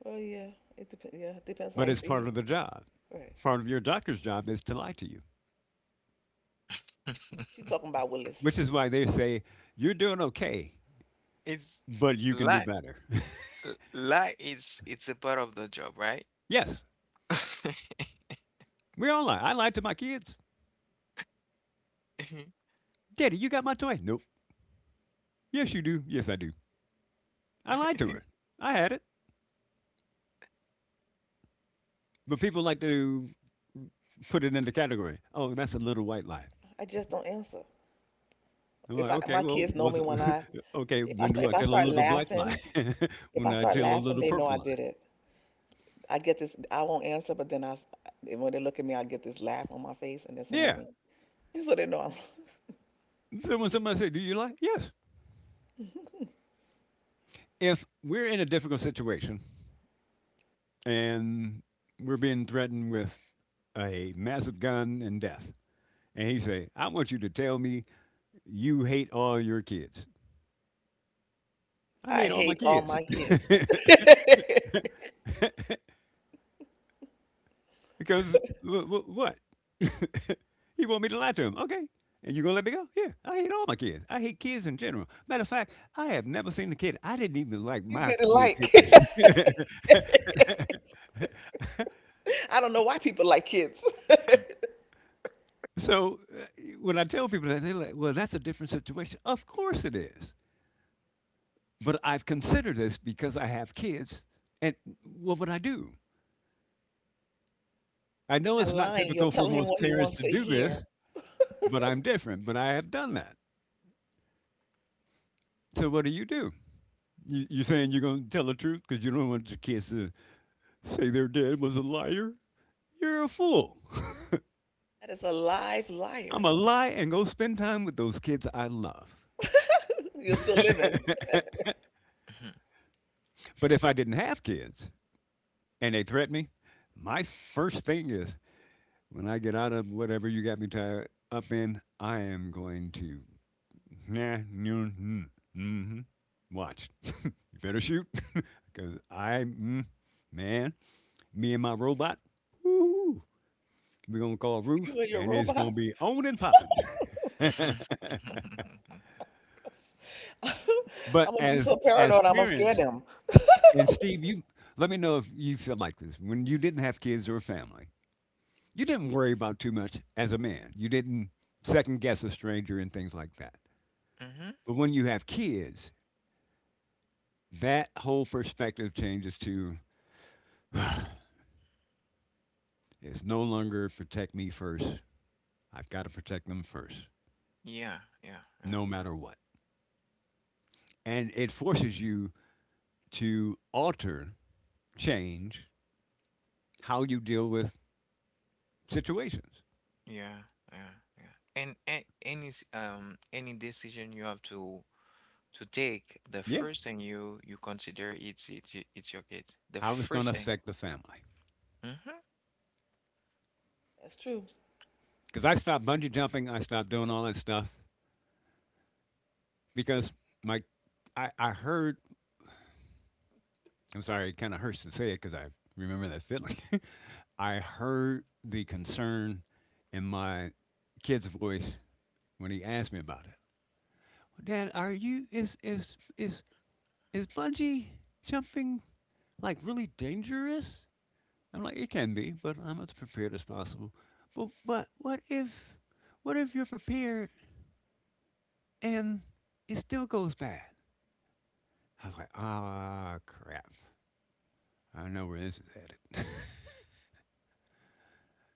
Speaker 1: Well, yeah, it depends. Yeah, it depends how
Speaker 2: But
Speaker 1: you
Speaker 2: it's part
Speaker 1: see.
Speaker 2: of the job.
Speaker 1: Right.
Speaker 2: Part of your doctor's job is to lie to you,
Speaker 1: She
Speaker 3: (laughs)
Speaker 1: talking about Willis.
Speaker 2: which is why they say you're doing okay,
Speaker 3: It's
Speaker 2: but you can do
Speaker 3: like
Speaker 2: better. (laughs)
Speaker 3: like it's a part of the job, right?
Speaker 2: Yes, we all lie. I lied to my kids.
Speaker 3: (laughs)
Speaker 2: Daddy, you got my toy? Nope. Yes, you do. Yes, I do. I lied to her. I had it. But people like to put it in the category. Oh, that's a little white lie.
Speaker 1: I just don't answer.
Speaker 2: I'm
Speaker 1: If
Speaker 2: like,
Speaker 1: I
Speaker 2: okay,
Speaker 1: my
Speaker 2: well,
Speaker 1: kids know
Speaker 2: was
Speaker 1: me
Speaker 2: it,
Speaker 1: when I
Speaker 2: (laughs) okay.
Speaker 1: if I
Speaker 2: When do
Speaker 1: if
Speaker 2: I
Speaker 1: I
Speaker 2: tell a
Speaker 1: start
Speaker 2: little black lie?
Speaker 1: laughing.
Speaker 2: (laughs)
Speaker 1: If
Speaker 2: When
Speaker 1: I
Speaker 2: I
Speaker 1: start
Speaker 2: tell a
Speaker 1: laughing,
Speaker 2: little
Speaker 1: they know I
Speaker 2: purple lie?
Speaker 1: did it. I get this, I won't answer, but then when they look at me, I get this laugh on my face and they say,
Speaker 2: Yeah.
Speaker 1: Mommy. (laughs) So they know
Speaker 2: So when somebody say, "Do you lie?" Yes.
Speaker 1: I'm. (laughs)
Speaker 2: If we're in a difficult situation and we're being threatened with a massive gun and death. And he say, I want you to tell me you hate all your kids. I
Speaker 1: I
Speaker 2: hate all my
Speaker 1: hate all
Speaker 2: kids.
Speaker 1: my kids.
Speaker 2: (laughs)
Speaker 1: (laughs)
Speaker 2: Because what? (laughs) He want me to lie to him. Okay. And you going to let me go? Yeah. I hate all my kids. I hate kids in general. Matter of fact, I have never seen a kid. I didn't even like
Speaker 1: You
Speaker 2: my
Speaker 1: didn't
Speaker 2: kid
Speaker 1: like.
Speaker 2: pictures.
Speaker 1: (laughs) I don't know why people like kids. (laughs) You're
Speaker 2: (laughs) So when I tell people that, they're like, well, that's a different situation. Of course it is. But I've considered this because I have kids, and what would I do? I know
Speaker 1: Not
Speaker 2: it's not
Speaker 1: lying, you're
Speaker 2: typical for
Speaker 1: telling him
Speaker 2: most
Speaker 1: what he
Speaker 2: parents
Speaker 1: wants
Speaker 2: to
Speaker 1: to
Speaker 2: do
Speaker 1: hear.
Speaker 2: this, but I'm different. But I have done that. So what do you do? You're saying you're going to tell the truth because you don't want your kids to say their dad was a liar? You're a fool.
Speaker 1: That is a live
Speaker 2: I'm
Speaker 1: liar.
Speaker 2: a lie and go spend time with those kids I love.
Speaker 1: (laughs) You're still living. (laughs)
Speaker 3: (laughs)
Speaker 2: But if I didn't have kids and they threaten me, my first thing is when I get out of whatever you got me tied up in, I am going to nah, noon, mm, mm-hmm. Watch. (laughs) You better shoot. (laughs) Because man, me and my robot, woo, we're going to call Ruth,
Speaker 1: You and your
Speaker 2: and it's going to
Speaker 1: robot.
Speaker 2: be on and popping.
Speaker 3: (laughs)
Speaker 1: (laughs) I'm
Speaker 2: (laughs) But
Speaker 1: gonna be
Speaker 2: as
Speaker 1: so
Speaker 2: as
Speaker 1: paranoid, I'm gonna scare
Speaker 2: parents,
Speaker 1: them.
Speaker 2: and Steve, you let me know if you feel like this. When you didn't have kids or a family, you didn't worry about too much as a man. You didn't second guess a stranger and things like that.
Speaker 3: Mm-hmm.
Speaker 2: But when you have kids, that whole perspective changes to it's no longer protect me first. I've got to protect them first,
Speaker 3: Yeah, yeah,
Speaker 2: no
Speaker 3: yeah,
Speaker 2: matter what. And it forces you to alter, change how you deal with situations.
Speaker 3: yeah, yeah, yeah. And any any decision you have to take, the
Speaker 2: Yeah.
Speaker 3: first thing you you consider it's your kid. The
Speaker 2: How it's
Speaker 3: first
Speaker 2: going to
Speaker 3: thing.
Speaker 2: affect the family.
Speaker 3: Mm-hmm.
Speaker 1: That's true.
Speaker 2: Because I stopped bungee jumping, I stopped doing all that stuff because my, I heard, I'm sorry, it kind of hurts to say it because I remember that feeling. (laughs) I heard the concern in my kid's voice when he asked me about it. Dan, are you is bungee jumping like really dangerous? I'm like, it can be, but I'm as prepared as possible. But what if you're prepared and it still goes bad? I was like, ah crap. I know where this is headed.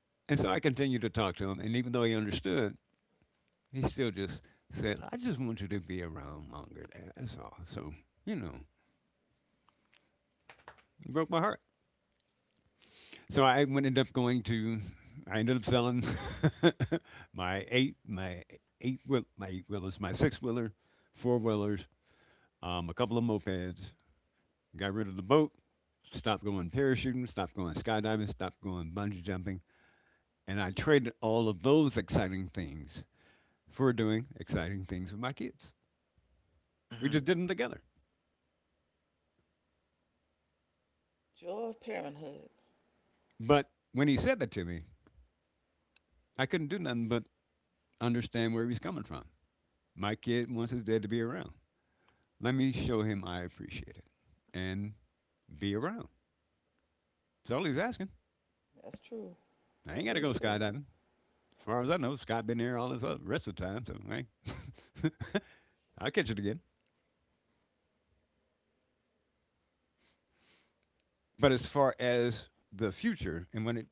Speaker 2: (laughs) And so I continued to talk to him and even though he understood, he still just said, I just want you to be around longer, Dad. That's all. So, you know, it broke my heart. So I ended up going to. I ended up selling (laughs) my eight, my my eight wheelers, my six wheeler, four wheelers, a couple of mopeds. Got rid of the boat. Stopped going parachuting. Stopped going skydiving. Stopped going bungee jumping. And I traded all of those exciting things for doing exciting things with my kids.
Speaker 3: Mm-hmm.
Speaker 2: We just did them together.
Speaker 1: Joy of parenthood.
Speaker 2: But when he said that to me, I couldn't do nothing but understand where he was coming from. My kid wants his dad to be around. Let me show him I appreciate it and be around. That's all he's asking.
Speaker 1: That's true.
Speaker 2: I ain't
Speaker 1: That
Speaker 2: got to
Speaker 1: is
Speaker 2: go
Speaker 1: true.
Speaker 2: skydiving. As far as I know, Scott has been there all this other rest of the time, so hey, (laughs) I'll catch it again. But as far as the future and when it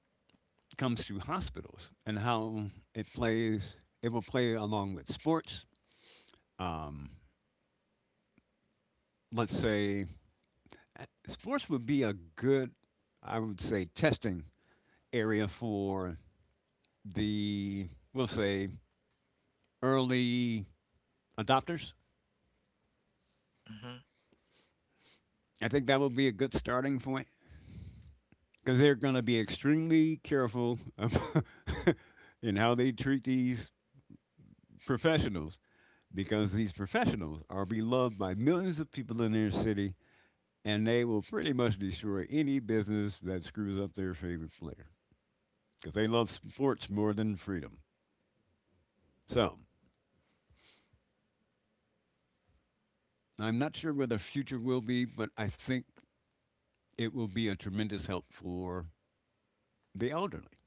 Speaker 2: comes to hospitals and how it plays, it will play along with sports. Um, let's say sports would be a good, I would say, testing area for the, we'll say, early adopters.
Speaker 3: Mm-hmm.
Speaker 2: I think that would be a good starting point because they're going to be extremely careful ab- (laughs) in how they treat these professionals because these professionals are beloved by millions of people in their city and they will pretty much destroy any business that screws up their favorite player because they love sports more than freedom. So I'm not sure where the future will be, but I think it will be a tremendous help for the elderly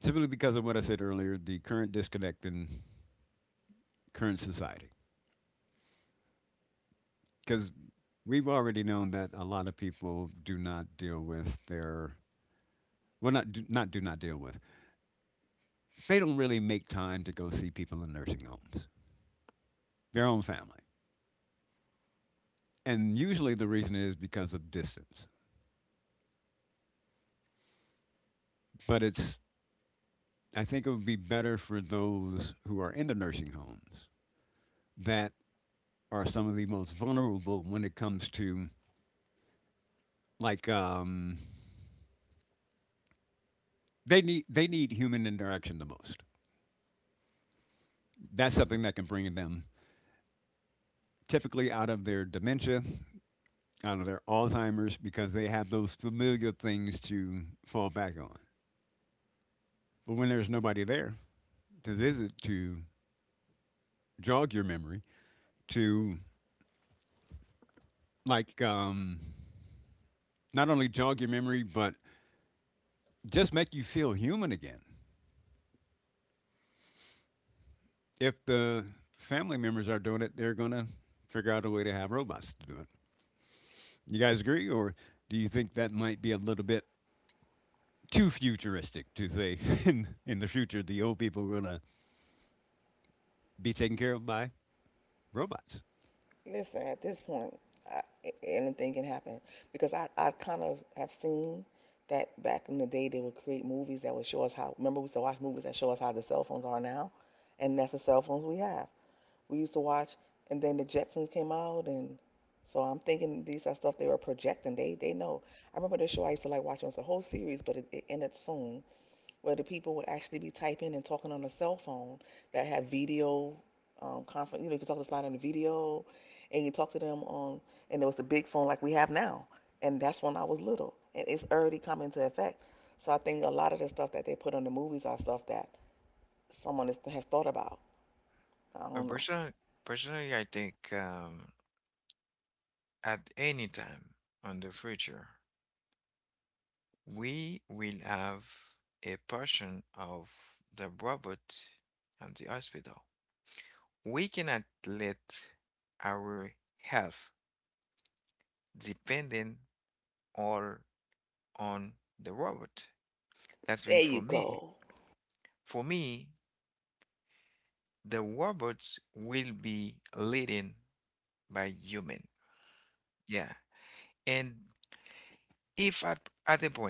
Speaker 2: simply because of what I said earlier, the current disconnect in current society. Because we've already known that a lot of people do not deal with their well, not do not deal with. They don't really make time to go see people in nursing homes, their own family, and usually the reason is because of distance. But it's, I think it would be better for those who are in the nursing homes that are some of the most vulnerable when it comes to like they need human interaction the most. That's something that can bring them typically out of their dementia, out of their Alzheimer's because they have those familiar things to fall back on. But when there's nobody there to visit to jog your memory, to like not only jog your memory, but just make you feel human again. If the family members are doing it, they're going to figure out a way to have robots to do it. You guys agree, or do you think that might be a little bit too futuristic to say (laughs) in the future the old people are going to be taken care of by robots?
Speaker 1: Listen, at this point, I, anything can happen because I kind of have seen that back in the day they would create movies that would show us how. Remember, we used to watch movies that show us how the cell phones are now, and that's the cell phones we have. We used to watch, and then the Jetsons came out, and so I'm thinking these are stuff they were projecting. They know. I remember the show I used to like watching. It was a whole series, but it ended soon, where the people would actually be typing and talking on a cell phone that have video conference. You know, you could talk to somebody on the video, and you talk to them on, and there was the big phone like we have now, and that's when I was little, and it's already come into effect. So I think a lot of the stuff that they put on the movies are stuff that someone has thought about. I
Speaker 3: But
Speaker 1: don't know.
Speaker 3: personally, personally, I think at any time in the future, we will have a portion of the robot at the hospital. We cannot let our health dependent all on the robot. That's been
Speaker 1: There
Speaker 3: for
Speaker 1: you
Speaker 3: me.
Speaker 1: go.
Speaker 3: For me, the robots will be leading by human. Yeah. And if at a point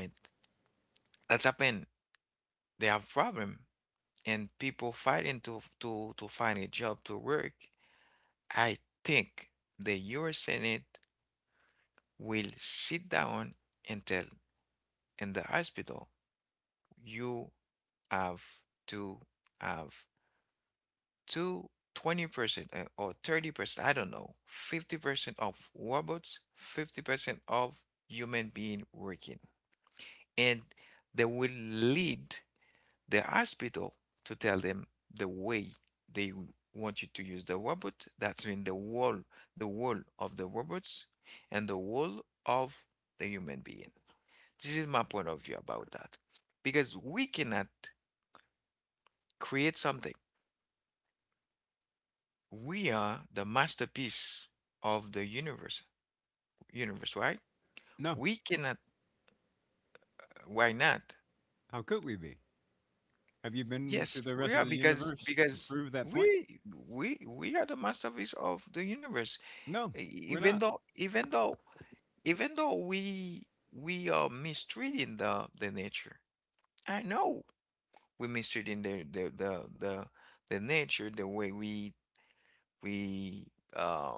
Speaker 3: that's happened, they have problem and people fighting to find a job to work, I think the US Senate will sit down and tell in the hospital, you have to have to 20% and- or 30%, I don't know, 50% of robots, 50% of human being working. And they will lead the hospital to tell them the way they want you to use the robot. That's mean the wall of the robots and the wall of the human being. This is my point of view about that. Because we cannot create something. We are the masterpiece of the universe, right? We
Speaker 2: No.
Speaker 3: cannot. Why not?
Speaker 2: How could we be? Have you been
Speaker 3: Yes,
Speaker 2: to the
Speaker 3: we are,
Speaker 2: rest of the
Speaker 3: because
Speaker 2: universe to prove that point?
Speaker 3: we we are the masterpiece of the universe.
Speaker 2: No,
Speaker 3: E-
Speaker 2: we're
Speaker 3: even
Speaker 2: not.
Speaker 3: though even though Even though we are mistreating the nature. I know we're mistreating the nature, the way we we um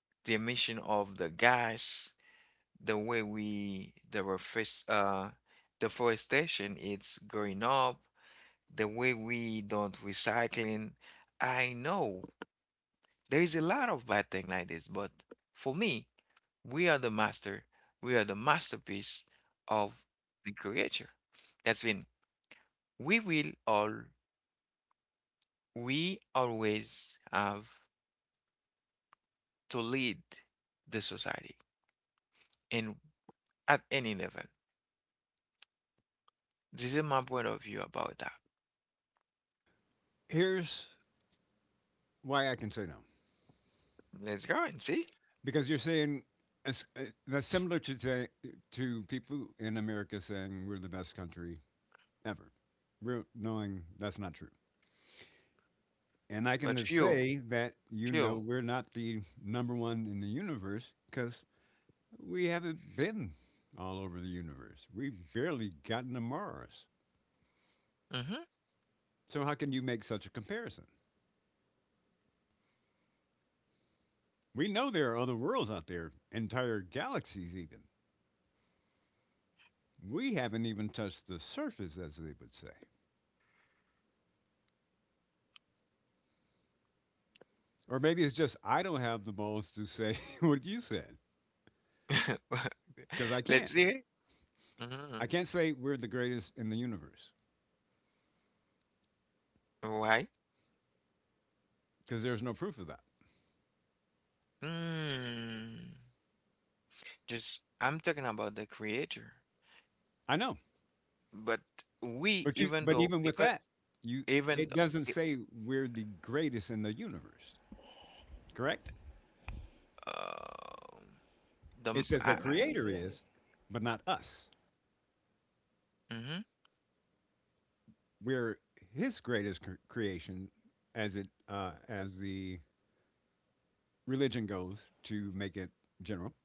Speaker 3: the emission of the gas, the way we deforestation, it's going up, the way we don't recycling. I know there is a lot of bad thing like this, but for me, we are the master we are the masterpiece of the creator. That's when we will all we always have to lead the society and at any level. This is my point of view about that.
Speaker 2: Here's why I can say no.
Speaker 3: Let's go and see.
Speaker 2: Because you're saying that's similar to say, to people in America saying we're the best country ever. We're knowing that's not true. And I
Speaker 3: But
Speaker 2: can
Speaker 3: few.
Speaker 2: say that you
Speaker 3: Sure.
Speaker 2: know we're not the number one in the universe because we haven't been all over the universe. We've barely gotten to Mars.
Speaker 3: Mhm.
Speaker 2: So how can you make such a comparison? We know there are other worlds out there, entire galaxies, even. We haven't even touched the surface, as they would say. Or maybe it's just I don't have the balls to say (laughs) what you said
Speaker 3: (laughs)
Speaker 2: because I
Speaker 3: Let's see.
Speaker 2: can't.
Speaker 3: Hear. Mhm.
Speaker 2: I can't say we're the greatest in the universe
Speaker 3: Why?
Speaker 2: because there's no proof of that.
Speaker 3: Mm. Just I'm talking about the creator.
Speaker 2: I know,
Speaker 3: But we
Speaker 2: but
Speaker 3: even
Speaker 2: you,
Speaker 3: though
Speaker 2: but even
Speaker 3: even
Speaker 2: with that, you,
Speaker 3: even
Speaker 2: it
Speaker 3: th-
Speaker 2: doesn't say we're the greatest in the universe, correct?
Speaker 3: um
Speaker 2: It says
Speaker 3: I
Speaker 2: the
Speaker 1: Hmm. Now you see
Speaker 2: creator
Speaker 1: how it- is.
Speaker 2: is, but not us.
Speaker 3: mhm.
Speaker 2: We're his greatest creation as it, as the religion goes to make it general,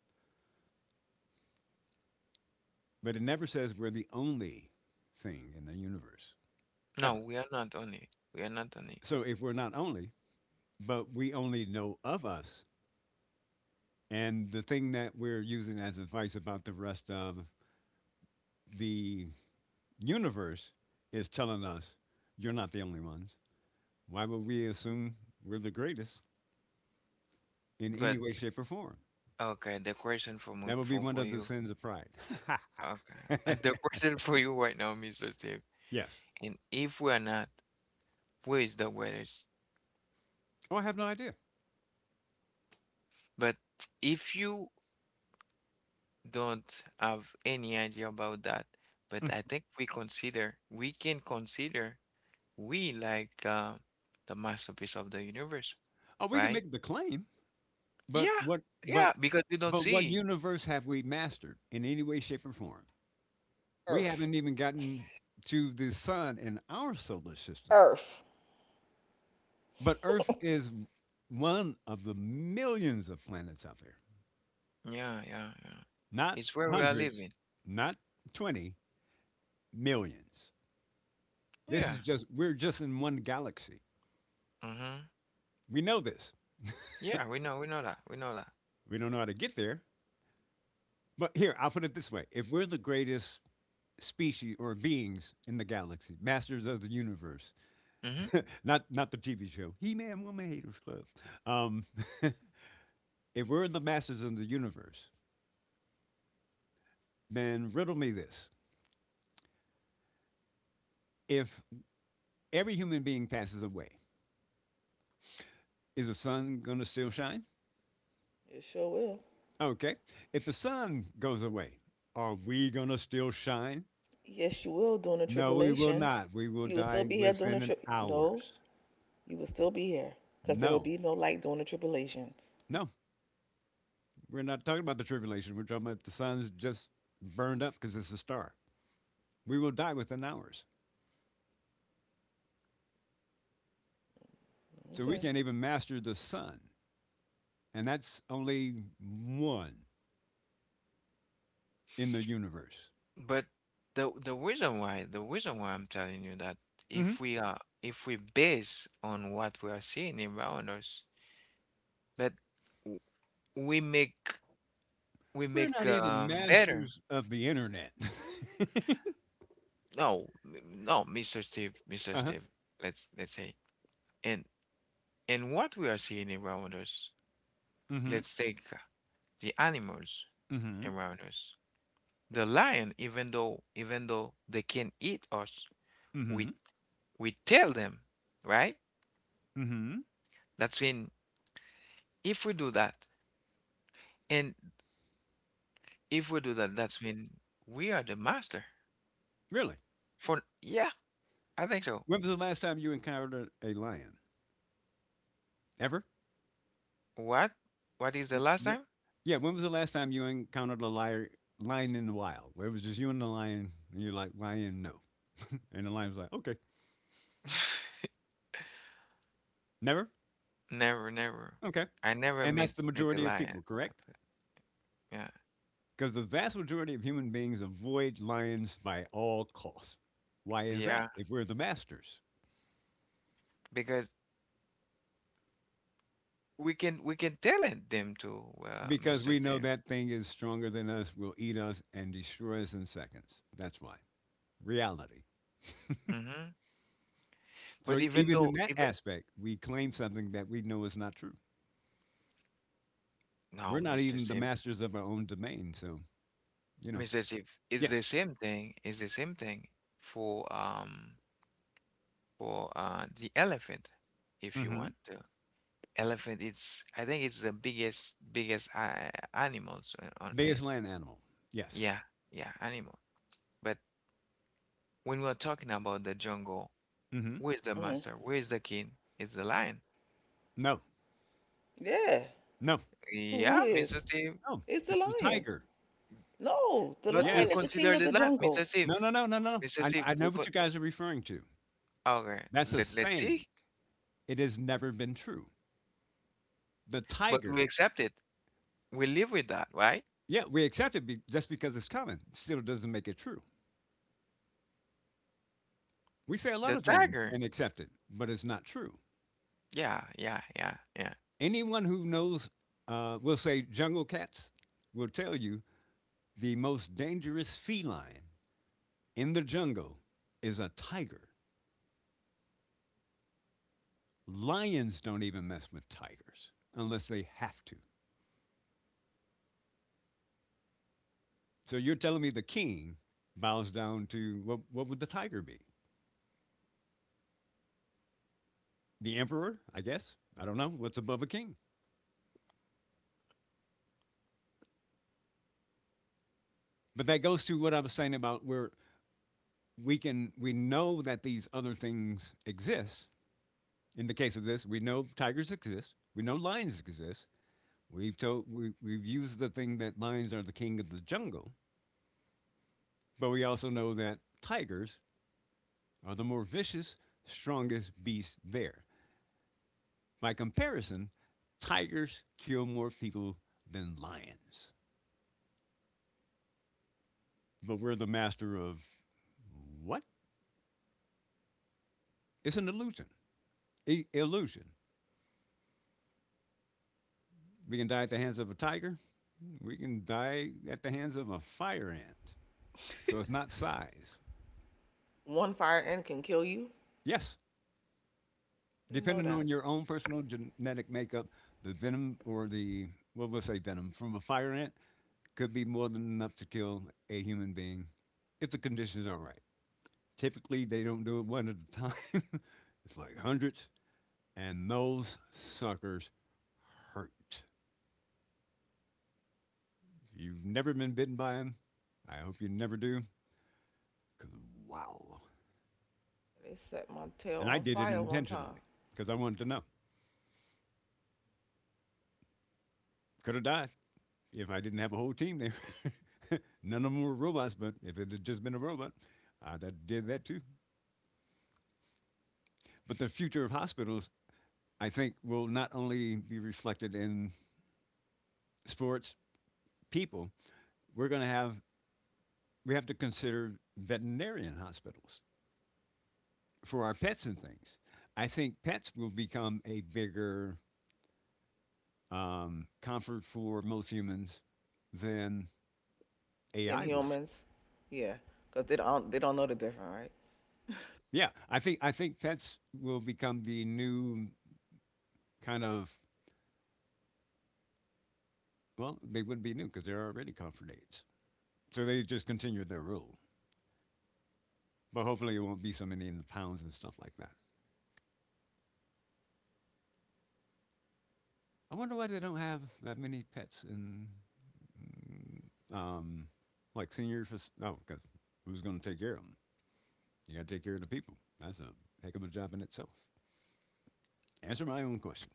Speaker 2: but it never says we're the only thing in the universe,
Speaker 3: No, we
Speaker 2: ever.
Speaker 3: are not on it. We are not on it.
Speaker 2: So if we're not only, but we only know of us, and the thing that we're using as advice about the rest of the universe is telling us you're not the only ones. Why would we assume we're the greatest in
Speaker 3: But
Speaker 2: any way, shape, or form?
Speaker 3: okay, the question for
Speaker 2: That would
Speaker 3: for
Speaker 2: be one
Speaker 3: you.
Speaker 2: of the sins of pride. (laughs)
Speaker 3: Okay. (laughs) The question for you right now, Mr. Steve.
Speaker 2: Yes.
Speaker 3: And if we are not, where is the greatest?
Speaker 2: Oh, I have no idea.
Speaker 3: But if you don't have any idea about that. But I think we consider, we can consider we like the masterpiece of the universe,
Speaker 2: Oh,
Speaker 3: right?
Speaker 2: we can make the claim.
Speaker 3: Yeah,
Speaker 2: But what
Speaker 3: yeah,
Speaker 2: but
Speaker 3: because we don't
Speaker 2: but
Speaker 3: see.
Speaker 2: what universe have we mastered in any way, shape, or form? We
Speaker 1: Earth.
Speaker 2: haven't even gotten to the sun in our solar system.
Speaker 1: Earth.
Speaker 2: But Earth is one of the millions of planets out there.
Speaker 3: Yeah, yeah, yeah. It's
Speaker 2: Not
Speaker 3: where we are living.
Speaker 2: hundreds, not 20, millions.
Speaker 3: Yeah.
Speaker 2: We're just in one galaxy.
Speaker 3: Mm-hmm.
Speaker 2: We know this.
Speaker 3: Yeah, we know that. We know that.
Speaker 2: We don't know how to get there. But here, I'll put it this way: if we're the greatest species or beings in the galaxy, masters of the universe.
Speaker 3: Mm-hmm.
Speaker 2: Not the TV show. He Man Woman Haters Club. Um, if we're the masters of the universe, then riddle me this: if every human being passes away, is the sun gonna still shine?
Speaker 1: You sure will.
Speaker 2: Okay. If the sun goes away, are we gonna still shine?
Speaker 1: Yes, you will during the
Speaker 2: No, we will
Speaker 1: tribulation.
Speaker 2: not. We will
Speaker 1: You will still
Speaker 2: die
Speaker 1: be here during the
Speaker 2: within an
Speaker 1: trip. No,
Speaker 2: hours.
Speaker 1: you would still be here because there would
Speaker 2: No,
Speaker 1: be no light during the tribulation.
Speaker 2: no, we're not talking about the tribulation. We're talking about the sun's just burned up because it's a star. We will die within hours. So we
Speaker 1: Okay.
Speaker 2: can't even master the sun, and that's only one in the universe.
Speaker 3: But the reason why I'm telling you that if we
Speaker 2: hmm
Speaker 3: are if we base on what we are seeing around us, but w- we make
Speaker 2: We're not even
Speaker 3: better.
Speaker 2: masters of the internet.
Speaker 3: No, Mr.
Speaker 2: (laughs)
Speaker 3: Steve.
Speaker 2: Uh-huh.
Speaker 3: Let's say, and and what we are seeing around us. Let's
Speaker 2: hmm
Speaker 3: take the animals
Speaker 2: hmm
Speaker 3: around us. The lion, even though they can eat us, we
Speaker 2: hmm
Speaker 3: we tell them, right?
Speaker 2: hmm
Speaker 3: That's when if we do that, and if we do that, that's when we are the master.
Speaker 2: Really?
Speaker 3: For yeah, I think so.
Speaker 2: When was the last time you encountered a lion? Ever?
Speaker 3: What? What is the last time?
Speaker 2: W- yeah, when was the last time you encountered a lion in the wild? Where it was just you and the lion, and you're like, lion, no. And the lion was like, okay,
Speaker 3: (laughs)
Speaker 2: never?
Speaker 3: Never, never.
Speaker 2: Okay.
Speaker 3: I never
Speaker 2: And that's the
Speaker 3: meet a
Speaker 2: majority
Speaker 3: lion.
Speaker 2: of people, correct?
Speaker 3: Yeah,
Speaker 2: Because the vast majority of human beings avoid lions by all costs. Why
Speaker 3: yeah,
Speaker 2: is that if we're the masters?
Speaker 3: because we can tell it them to Mr.
Speaker 2: Because we
Speaker 3: Tim.
Speaker 2: know that thing is stronger than us, will eat us, and destroy us in seconds. That's why. Reality.
Speaker 3: Hmm. But
Speaker 2: So,
Speaker 3: even though
Speaker 2: even in
Speaker 3: even
Speaker 2: that aspect, we claim something that we know is not true.
Speaker 3: no,
Speaker 2: We're
Speaker 3: Mr.
Speaker 2: not
Speaker 3: Tim,
Speaker 2: even the masters of our own domain. So, you
Speaker 3: Mr.
Speaker 2: know,
Speaker 3: Tim, it's the same
Speaker 2: yes.
Speaker 3: thing. It's the same thing for um for the elephant, if you want
Speaker 2: Mm-hmm.
Speaker 3: to. Elephant, it's I think it's the biggest biggest animals on
Speaker 2: Biggest land animal.
Speaker 3: yeah
Speaker 2: Yes.
Speaker 3: yeah animal. But when we're talking about the jungle. Where's
Speaker 2: Mm-hmm.
Speaker 3: the master?
Speaker 1: Hmm.
Speaker 3: Where's the king? It's the lion.
Speaker 2: No.
Speaker 1: Yeah.
Speaker 2: No.
Speaker 3: Yeah,
Speaker 1: Who
Speaker 3: Mr.
Speaker 1: is?
Speaker 3: Steve.
Speaker 2: No.
Speaker 1: It's the
Speaker 2: It's the
Speaker 1: lion.
Speaker 2: tiger.
Speaker 1: No,
Speaker 3: But
Speaker 1: the
Speaker 3: we
Speaker 1: lion is
Speaker 2: Yes.
Speaker 3: consider
Speaker 1: the
Speaker 3: the
Speaker 1: king of
Speaker 3: lion,
Speaker 1: the
Speaker 3: Mr.
Speaker 1: jungle.
Speaker 3: Steve.
Speaker 2: No, no, no, no,
Speaker 3: Mr.
Speaker 2: no.
Speaker 3: Steve,
Speaker 2: I,
Speaker 3: we
Speaker 2: I
Speaker 3: could.
Speaker 2: know what you guys are referring to.
Speaker 3: Okay,
Speaker 2: That's a
Speaker 3: let's see.
Speaker 2: saying. It has never been true. The
Speaker 3: But we
Speaker 2: tiger,
Speaker 3: accept it. We live with that, right?
Speaker 2: yeah, we accept just because it's common, still doesn't make it true. We
Speaker 3: The
Speaker 2: say a lot of
Speaker 3: tiger.
Speaker 2: things and accept it, but it's not true.
Speaker 3: Yeah, yeah, yeah, yeah.
Speaker 2: Anyone who knows will say jungle cats will tell you the most dangerous feline in the jungle is a tiger. Lions don't even mess with tigers unless they have to. So you're telling me the king bows down to what would the tiger be? The emperor, I guess. I don't know what's above a king. But that goes to what I was saying about where we know that these other things exist. In the case of this, we know tigers exist. We know lions exist. We've used the thing that lions are the king of the jungle, but we also know that tigers are the more vicious, strongest beast there. By comparison, tigers kill more people than lions. But we're the master of what? It's an illusion. Illusion. We can die at the hands of a tiger. We can die at the hands of a fire ant. So it's not size.
Speaker 1: One fire and can kill you.
Speaker 2: Yes,
Speaker 1: Didn't know
Speaker 2: depending on
Speaker 1: that.
Speaker 2: your own personal genetic makeup, the venom or the, well, we'll say venom from a fire ant could be more than enough to kill a human being if the conditions are right. Typically, they don't do it one at a time. (laughs) It's like hundreds, and those suckers hurt. If you've never been bitten by them, I hope you never do. 'Cause wow.
Speaker 1: They set my tail
Speaker 2: And I
Speaker 1: on
Speaker 2: did it
Speaker 1: fire one
Speaker 2: intentionally
Speaker 1: time.
Speaker 2: because I wanted to know. Could have died if I didn't have a whole team there. (laughs) None of them were robots, but if it had just been a robot, I'd have did that too. But the future of hospitals, I think, will not only be reflected in sports people. We're going to have we have to consider veterinarian hospitals for our pets and things. I think pets will become a bigger comfort for most humans than
Speaker 1: Then
Speaker 2: AI will.
Speaker 1: humans. Yeah, because they don't know the difference, right?
Speaker 2: Yeah, I think pets will become the new kind of, well, they wouldn't be new because they're already comfort aids. So they just continue their rule. But hopefully it won't be so many in the pounds and stuff like that. I wonder why they don't have that many pets in um like senior fac, oh, because who's going to take care of them? You got to take care of the people. That's a heck of a job in itself. Answer my own question.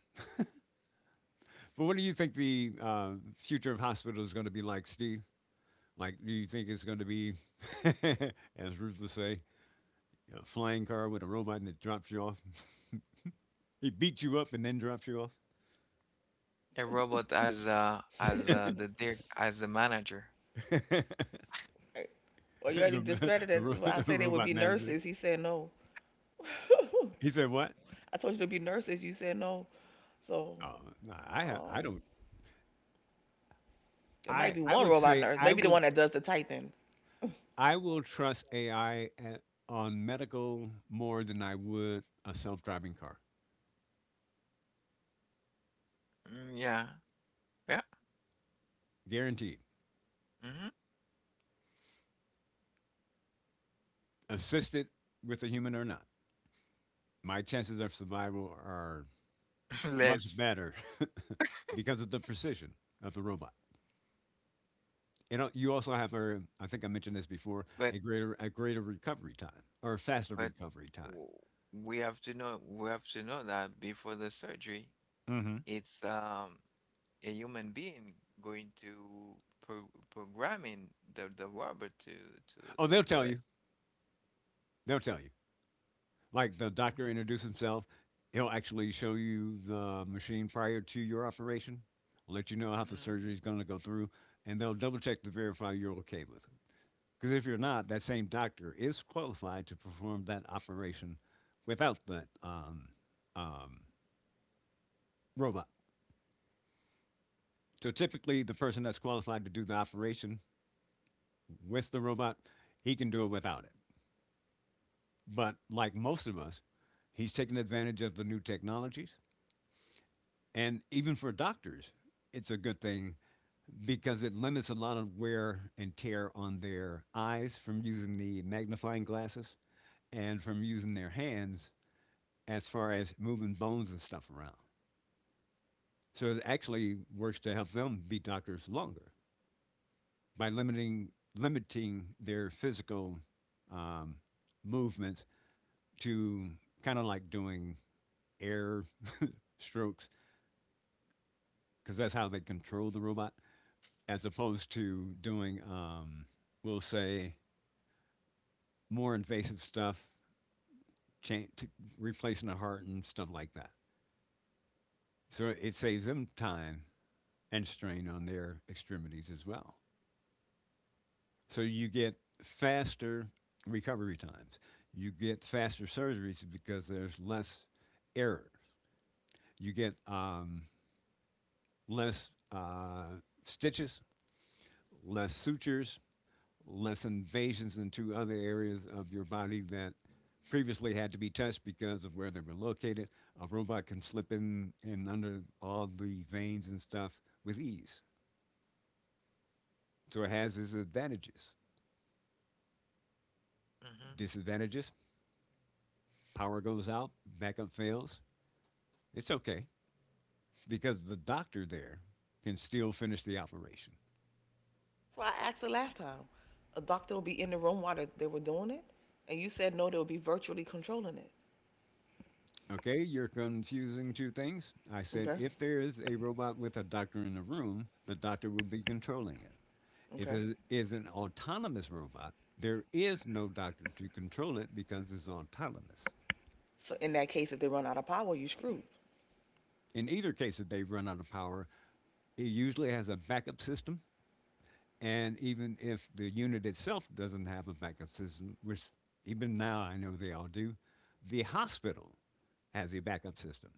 Speaker 2: But what do you think the future of hospitals is going to be like, Steve? Like, do you think it's going to be, (laughs) as Ruth would say, you know, flying car with a robot that drops you off. (laughs) He beats you up and then drops you off.
Speaker 3: A robot as the dir as the manager.
Speaker 2: (laughs) the
Speaker 1: Right. Well, you already
Speaker 2: ma- the
Speaker 1: discredited. When I
Speaker 2: ro- (laughs)
Speaker 1: say they would
Speaker 2: Robot
Speaker 1: be
Speaker 2: manager.
Speaker 1: nurses, he said no. (laughs)
Speaker 2: He said, "What?
Speaker 1: I told you to be nurses. You said no. So,
Speaker 2: Oh, no, I
Speaker 1: um,
Speaker 2: don't.
Speaker 1: it might
Speaker 2: I
Speaker 1: be
Speaker 2: I
Speaker 1: one
Speaker 2: would
Speaker 1: robot
Speaker 2: say
Speaker 1: nurse, maybe the one that does the typing. (laughs) That's
Speaker 2: I will trust AI at, on medical more than I would a self-driving car.
Speaker 3: Mm, yeah, yeah.
Speaker 2: Guaranteed.
Speaker 3: Mm-hmm.
Speaker 2: Assisted with a human or not, my chances of survival are
Speaker 3: (laughs) Let's.
Speaker 2: much better (laughs) because of the precision of the robot. You know, you also have a, I think I mentioned this
Speaker 3: But
Speaker 2: before, a greater recovery time or
Speaker 3: but
Speaker 2: faster recovery
Speaker 3: w-
Speaker 2: time.
Speaker 3: we have to know we have to know that before the surgery,
Speaker 2: hmm
Speaker 3: it's a human being going to pro programming the robot to do
Speaker 2: Oh,
Speaker 3: it.
Speaker 2: they'll tell you. They'll tell you. Like the
Speaker 3: Hmm.
Speaker 2: doctor introduced himself, he'll actually show you the machine prior to your operation, let you know how the surgery is going to go through, and they'll double check to verify you're okay with it. Because if you're not, that same doctor is qualified to perform that operation without that um, robot. So typically, the person that's qualified to do the operation with the robot, he can do it without it. But like most of us, he's taking advantage of the new technologies. And even for doctors, it's a good thing because it limits a lot of wear and tear on their eyes from using the magnifying glasses and from using their hands as far as moving bones and stuff around. So it actually works to help them be doctors longer by limiting their physical um, movements to kind of like doing air strokes because that's how they control the robot, as opposed to doing, we'll say, more invasive stuff, cha- t- replacing the heart and stuff like that. So it saves them time and strain on their extremities as well. So you get faster recovery times. You get faster surgeries because there's less errors. You get less stitches, less sutures, less invasions into other areas of your body that previously had to be touched because of where they were located. A robot can slip in and under all the veins and stuff with ease. So it has its advantages.
Speaker 3: Hmm. Hmm.
Speaker 2: Disadvantages, power goes out, backup fails. It's okay because the doctor there can still finish the operation.
Speaker 1: why I asked the last time. A doctor will be in the room while they were doing it, and you said no, they'll be virtually controlling it.
Speaker 2: Okay, you're confusing two things. I said
Speaker 1: Okay,
Speaker 2: if there is a robot with a doctor in the room, the doctor will be controlling it. If
Speaker 1: okay.
Speaker 2: it is an autonomous robot, there is no doctor to control it because it's autonomous.
Speaker 1: So in that case, if they run out of power, you screwed.
Speaker 2: In either case, if they run out of power, it usually has a backup system. And even if the unit itself doesn't have a backup system, which even now I know they all do, the hospital has a backup system.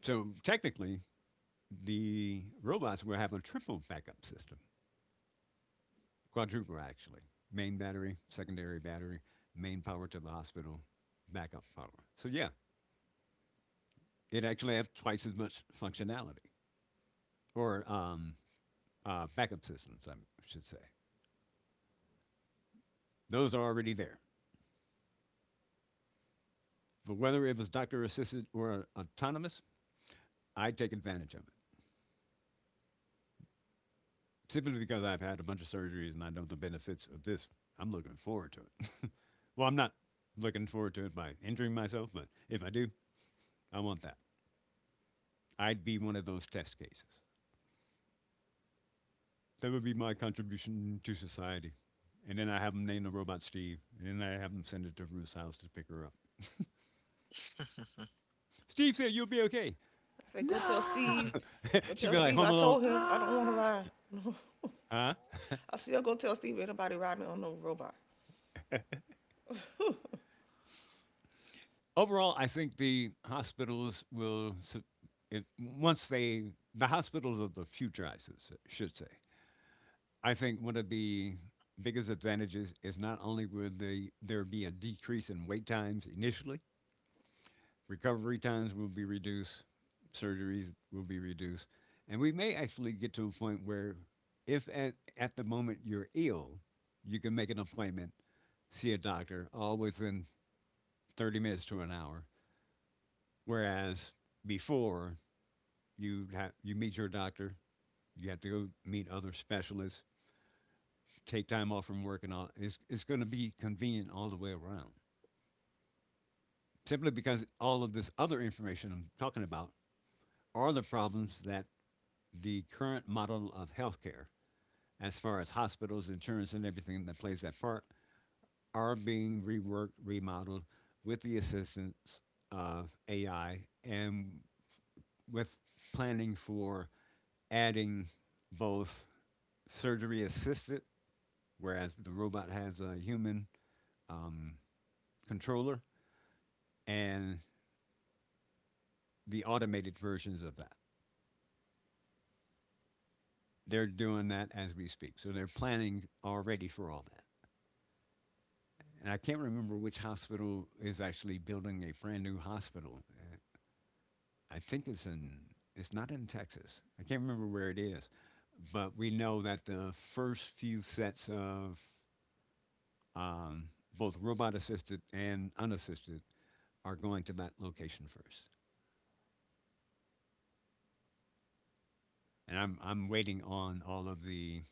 Speaker 2: So technically, the robots will have a triple backup system. Quadruple, actually. Main battery, secondary battery, main power to the hospital, backup power. So, yeah, it actually has twice as much functionality, or backup systems, I should say. Those are already there. But whether it was doctor assisted or autonomous, I take advantage of it. Simply because I've had a bunch of surgeries and I know the benefits of this, I'm looking forward to it. (laughs) Well, I'm not looking forward to it by injuring myself, but if I do, I want that. I'd be one of those test cases. That would be my contribution to society. And then I have him name the robot Steve. And then I have him send it to Ruth's house to pick her up. Steve said, "You'll be okay."
Speaker 1: I said, go tell
Speaker 2: No!
Speaker 1: Steve. Go
Speaker 2: (laughs) She'd
Speaker 1: tell
Speaker 2: be like,
Speaker 1: Steve.
Speaker 2: Home
Speaker 1: I
Speaker 2: Alone.
Speaker 1: told him I don't want to
Speaker 2: Ah!
Speaker 1: ride.
Speaker 2: Huh?
Speaker 1: (laughs) I still go tell Steve anybody riding on no robot. (laughs)
Speaker 2: Overall, I think the hospitals will, su- it, once they, the hospitals of the future, I should say. I think one of the biggest advantages is, not only would there be a decrease in wait times initially, recovery times will be reduced, surgeries will be reduced, and we may actually get to a point where, if at the moment you're ill, you can make an appointment, see a doctor, all within 30 minutes to an hour. Whereas before, you meet your doctor, you have to go meet other specialists, take time off from work, and all. It's going to be convenient all the way around. Simply because all of this other information I'm talking about are the problems that the current model of healthcare, as far as hospitals, insurance, and everything that plays that part, are being reworked, remodeled with the assistance of AI, and with planning for adding both surgery assisted, whereas the robot has a human um, controller, and the automated versions of that. They're doing that as we speak. So they're planning already for all that. And I can't remember which hospital is actually building a brand new hospital. I think it's not in Texas. I can't remember where it is, but we know that the first few sets of um, both robot assisted and unassisted are going to that location first. And I'm waiting on all of the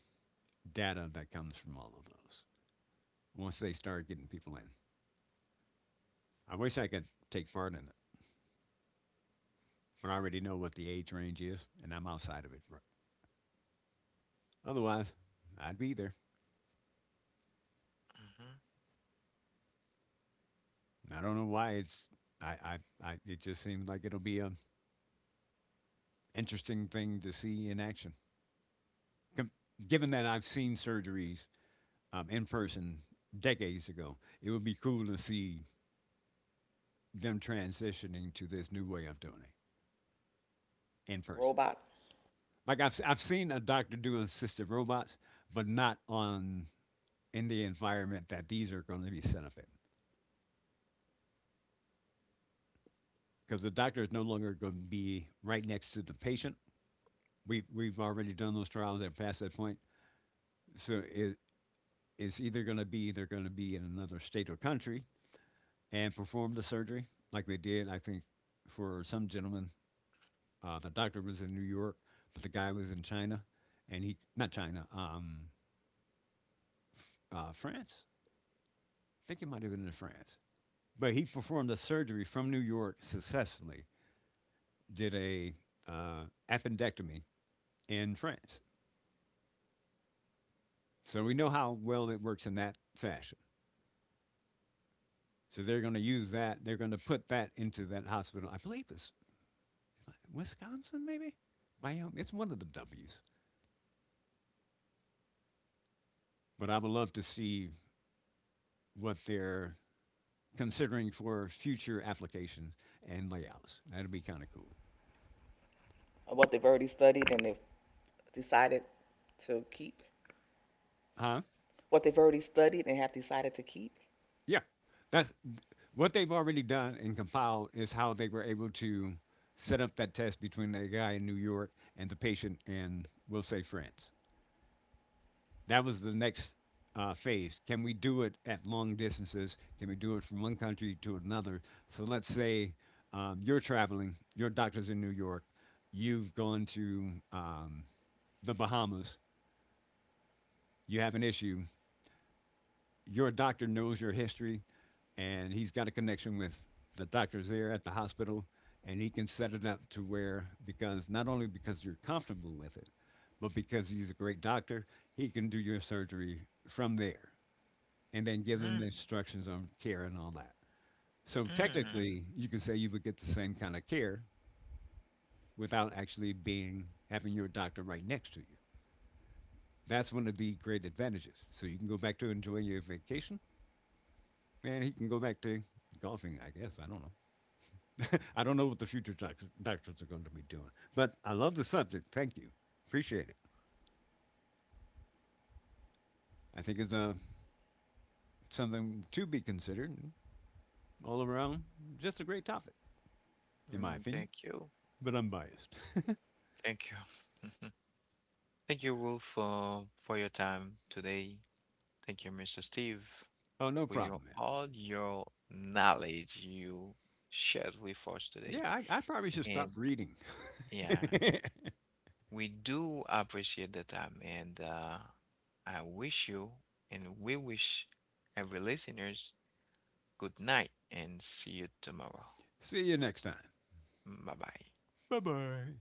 Speaker 2: data that comes from all of those. Once they start getting people in, I wish I could take part in it, but I already know what the age range is, and I'm outside of it. Otherwise, I'd be there. I don't know why it's. I, I, I it just seems like it'll be an interesting thing to see in action. Com- Given that I've seen surgeries in person decades ago, it would be cool to see them transitioning to this new way of doing it in person.
Speaker 1: Robot,
Speaker 2: Like I've seen a doctor do assisted robots, but not on in the environment that these are going to be set up in, because the doctor is no longer going to be right next to the patient. We've already done those trials and passed that point. So it's either going to be, they're going to be in another state or country and perform the surgery like they did. I think for some gentleman, the doctor was in New York, but the guy was in China, and he not China, France. I think it might have been in France, but he performed the surgery from New York successfully. Did a uh, appendectomy in France, so we know how well it works in that fashion. So they're going to use that. They're going to put that into that hospital. I believe it's Wisconsin, maybe Wyoming. It's one of the W's. But I would love to see what they're considering for future applications and layouts. That'd be kind of cool,
Speaker 1: what they've already studied and they've decided to keep.
Speaker 2: huh?
Speaker 1: What they've already studied and have decided to keep.
Speaker 2: Yeah, that's what they've already done and compiled is how they were able to set up that test between the guy in New York and the patient in, we'll say, France. That was the next phase. Can we do it at long distances? Can we do it from one country to another? So let's say, you're traveling, your doctor's in New York, you've gone to the Bahamas, you have an issue, your doctor knows your history, and he's got a connection with the doctors there at the hospital, and he can set it up to where, because not only because you're comfortable with it, but because he's a great doctor, he can do your surgery from there, and then
Speaker 3: Hmm.
Speaker 2: give them the instructions on care and all that. So
Speaker 3: Hmm. (laughs)
Speaker 2: technically, you could say you would get the same kind of care without actually being having your doctor right next to you. That's one of the great advantages. So you can go back to enjoying your vacation, and he can go back to golfing. I guess I don't know. (laughs) I don't know what the future doctors are going to be doing, but I love the subject. Thank you, appreciate it. I think it's something to be considered. All around, just a great topic,
Speaker 3: Mm,
Speaker 2: in my
Speaker 3: thank
Speaker 2: opinion.
Speaker 3: you.
Speaker 2: But I'm biased.
Speaker 3: Thank you. (laughs) Thank you, Wolf, for your time today. Thank you, Mr. Steve, for
Speaker 2: (laughs) Oh,
Speaker 3: your
Speaker 2: no problem,
Speaker 3: all
Speaker 2: man.
Speaker 3: your knowledge you shared with us today.
Speaker 2: Yeah, I probably
Speaker 3: And
Speaker 2: should stop reading.
Speaker 3: yeah, we do appreciate the time, and I wish you, and we wish every listeners good night, and see you tomorrow.
Speaker 2: (laughs) See you next time.
Speaker 3: Bye bye.
Speaker 2: Bye bye.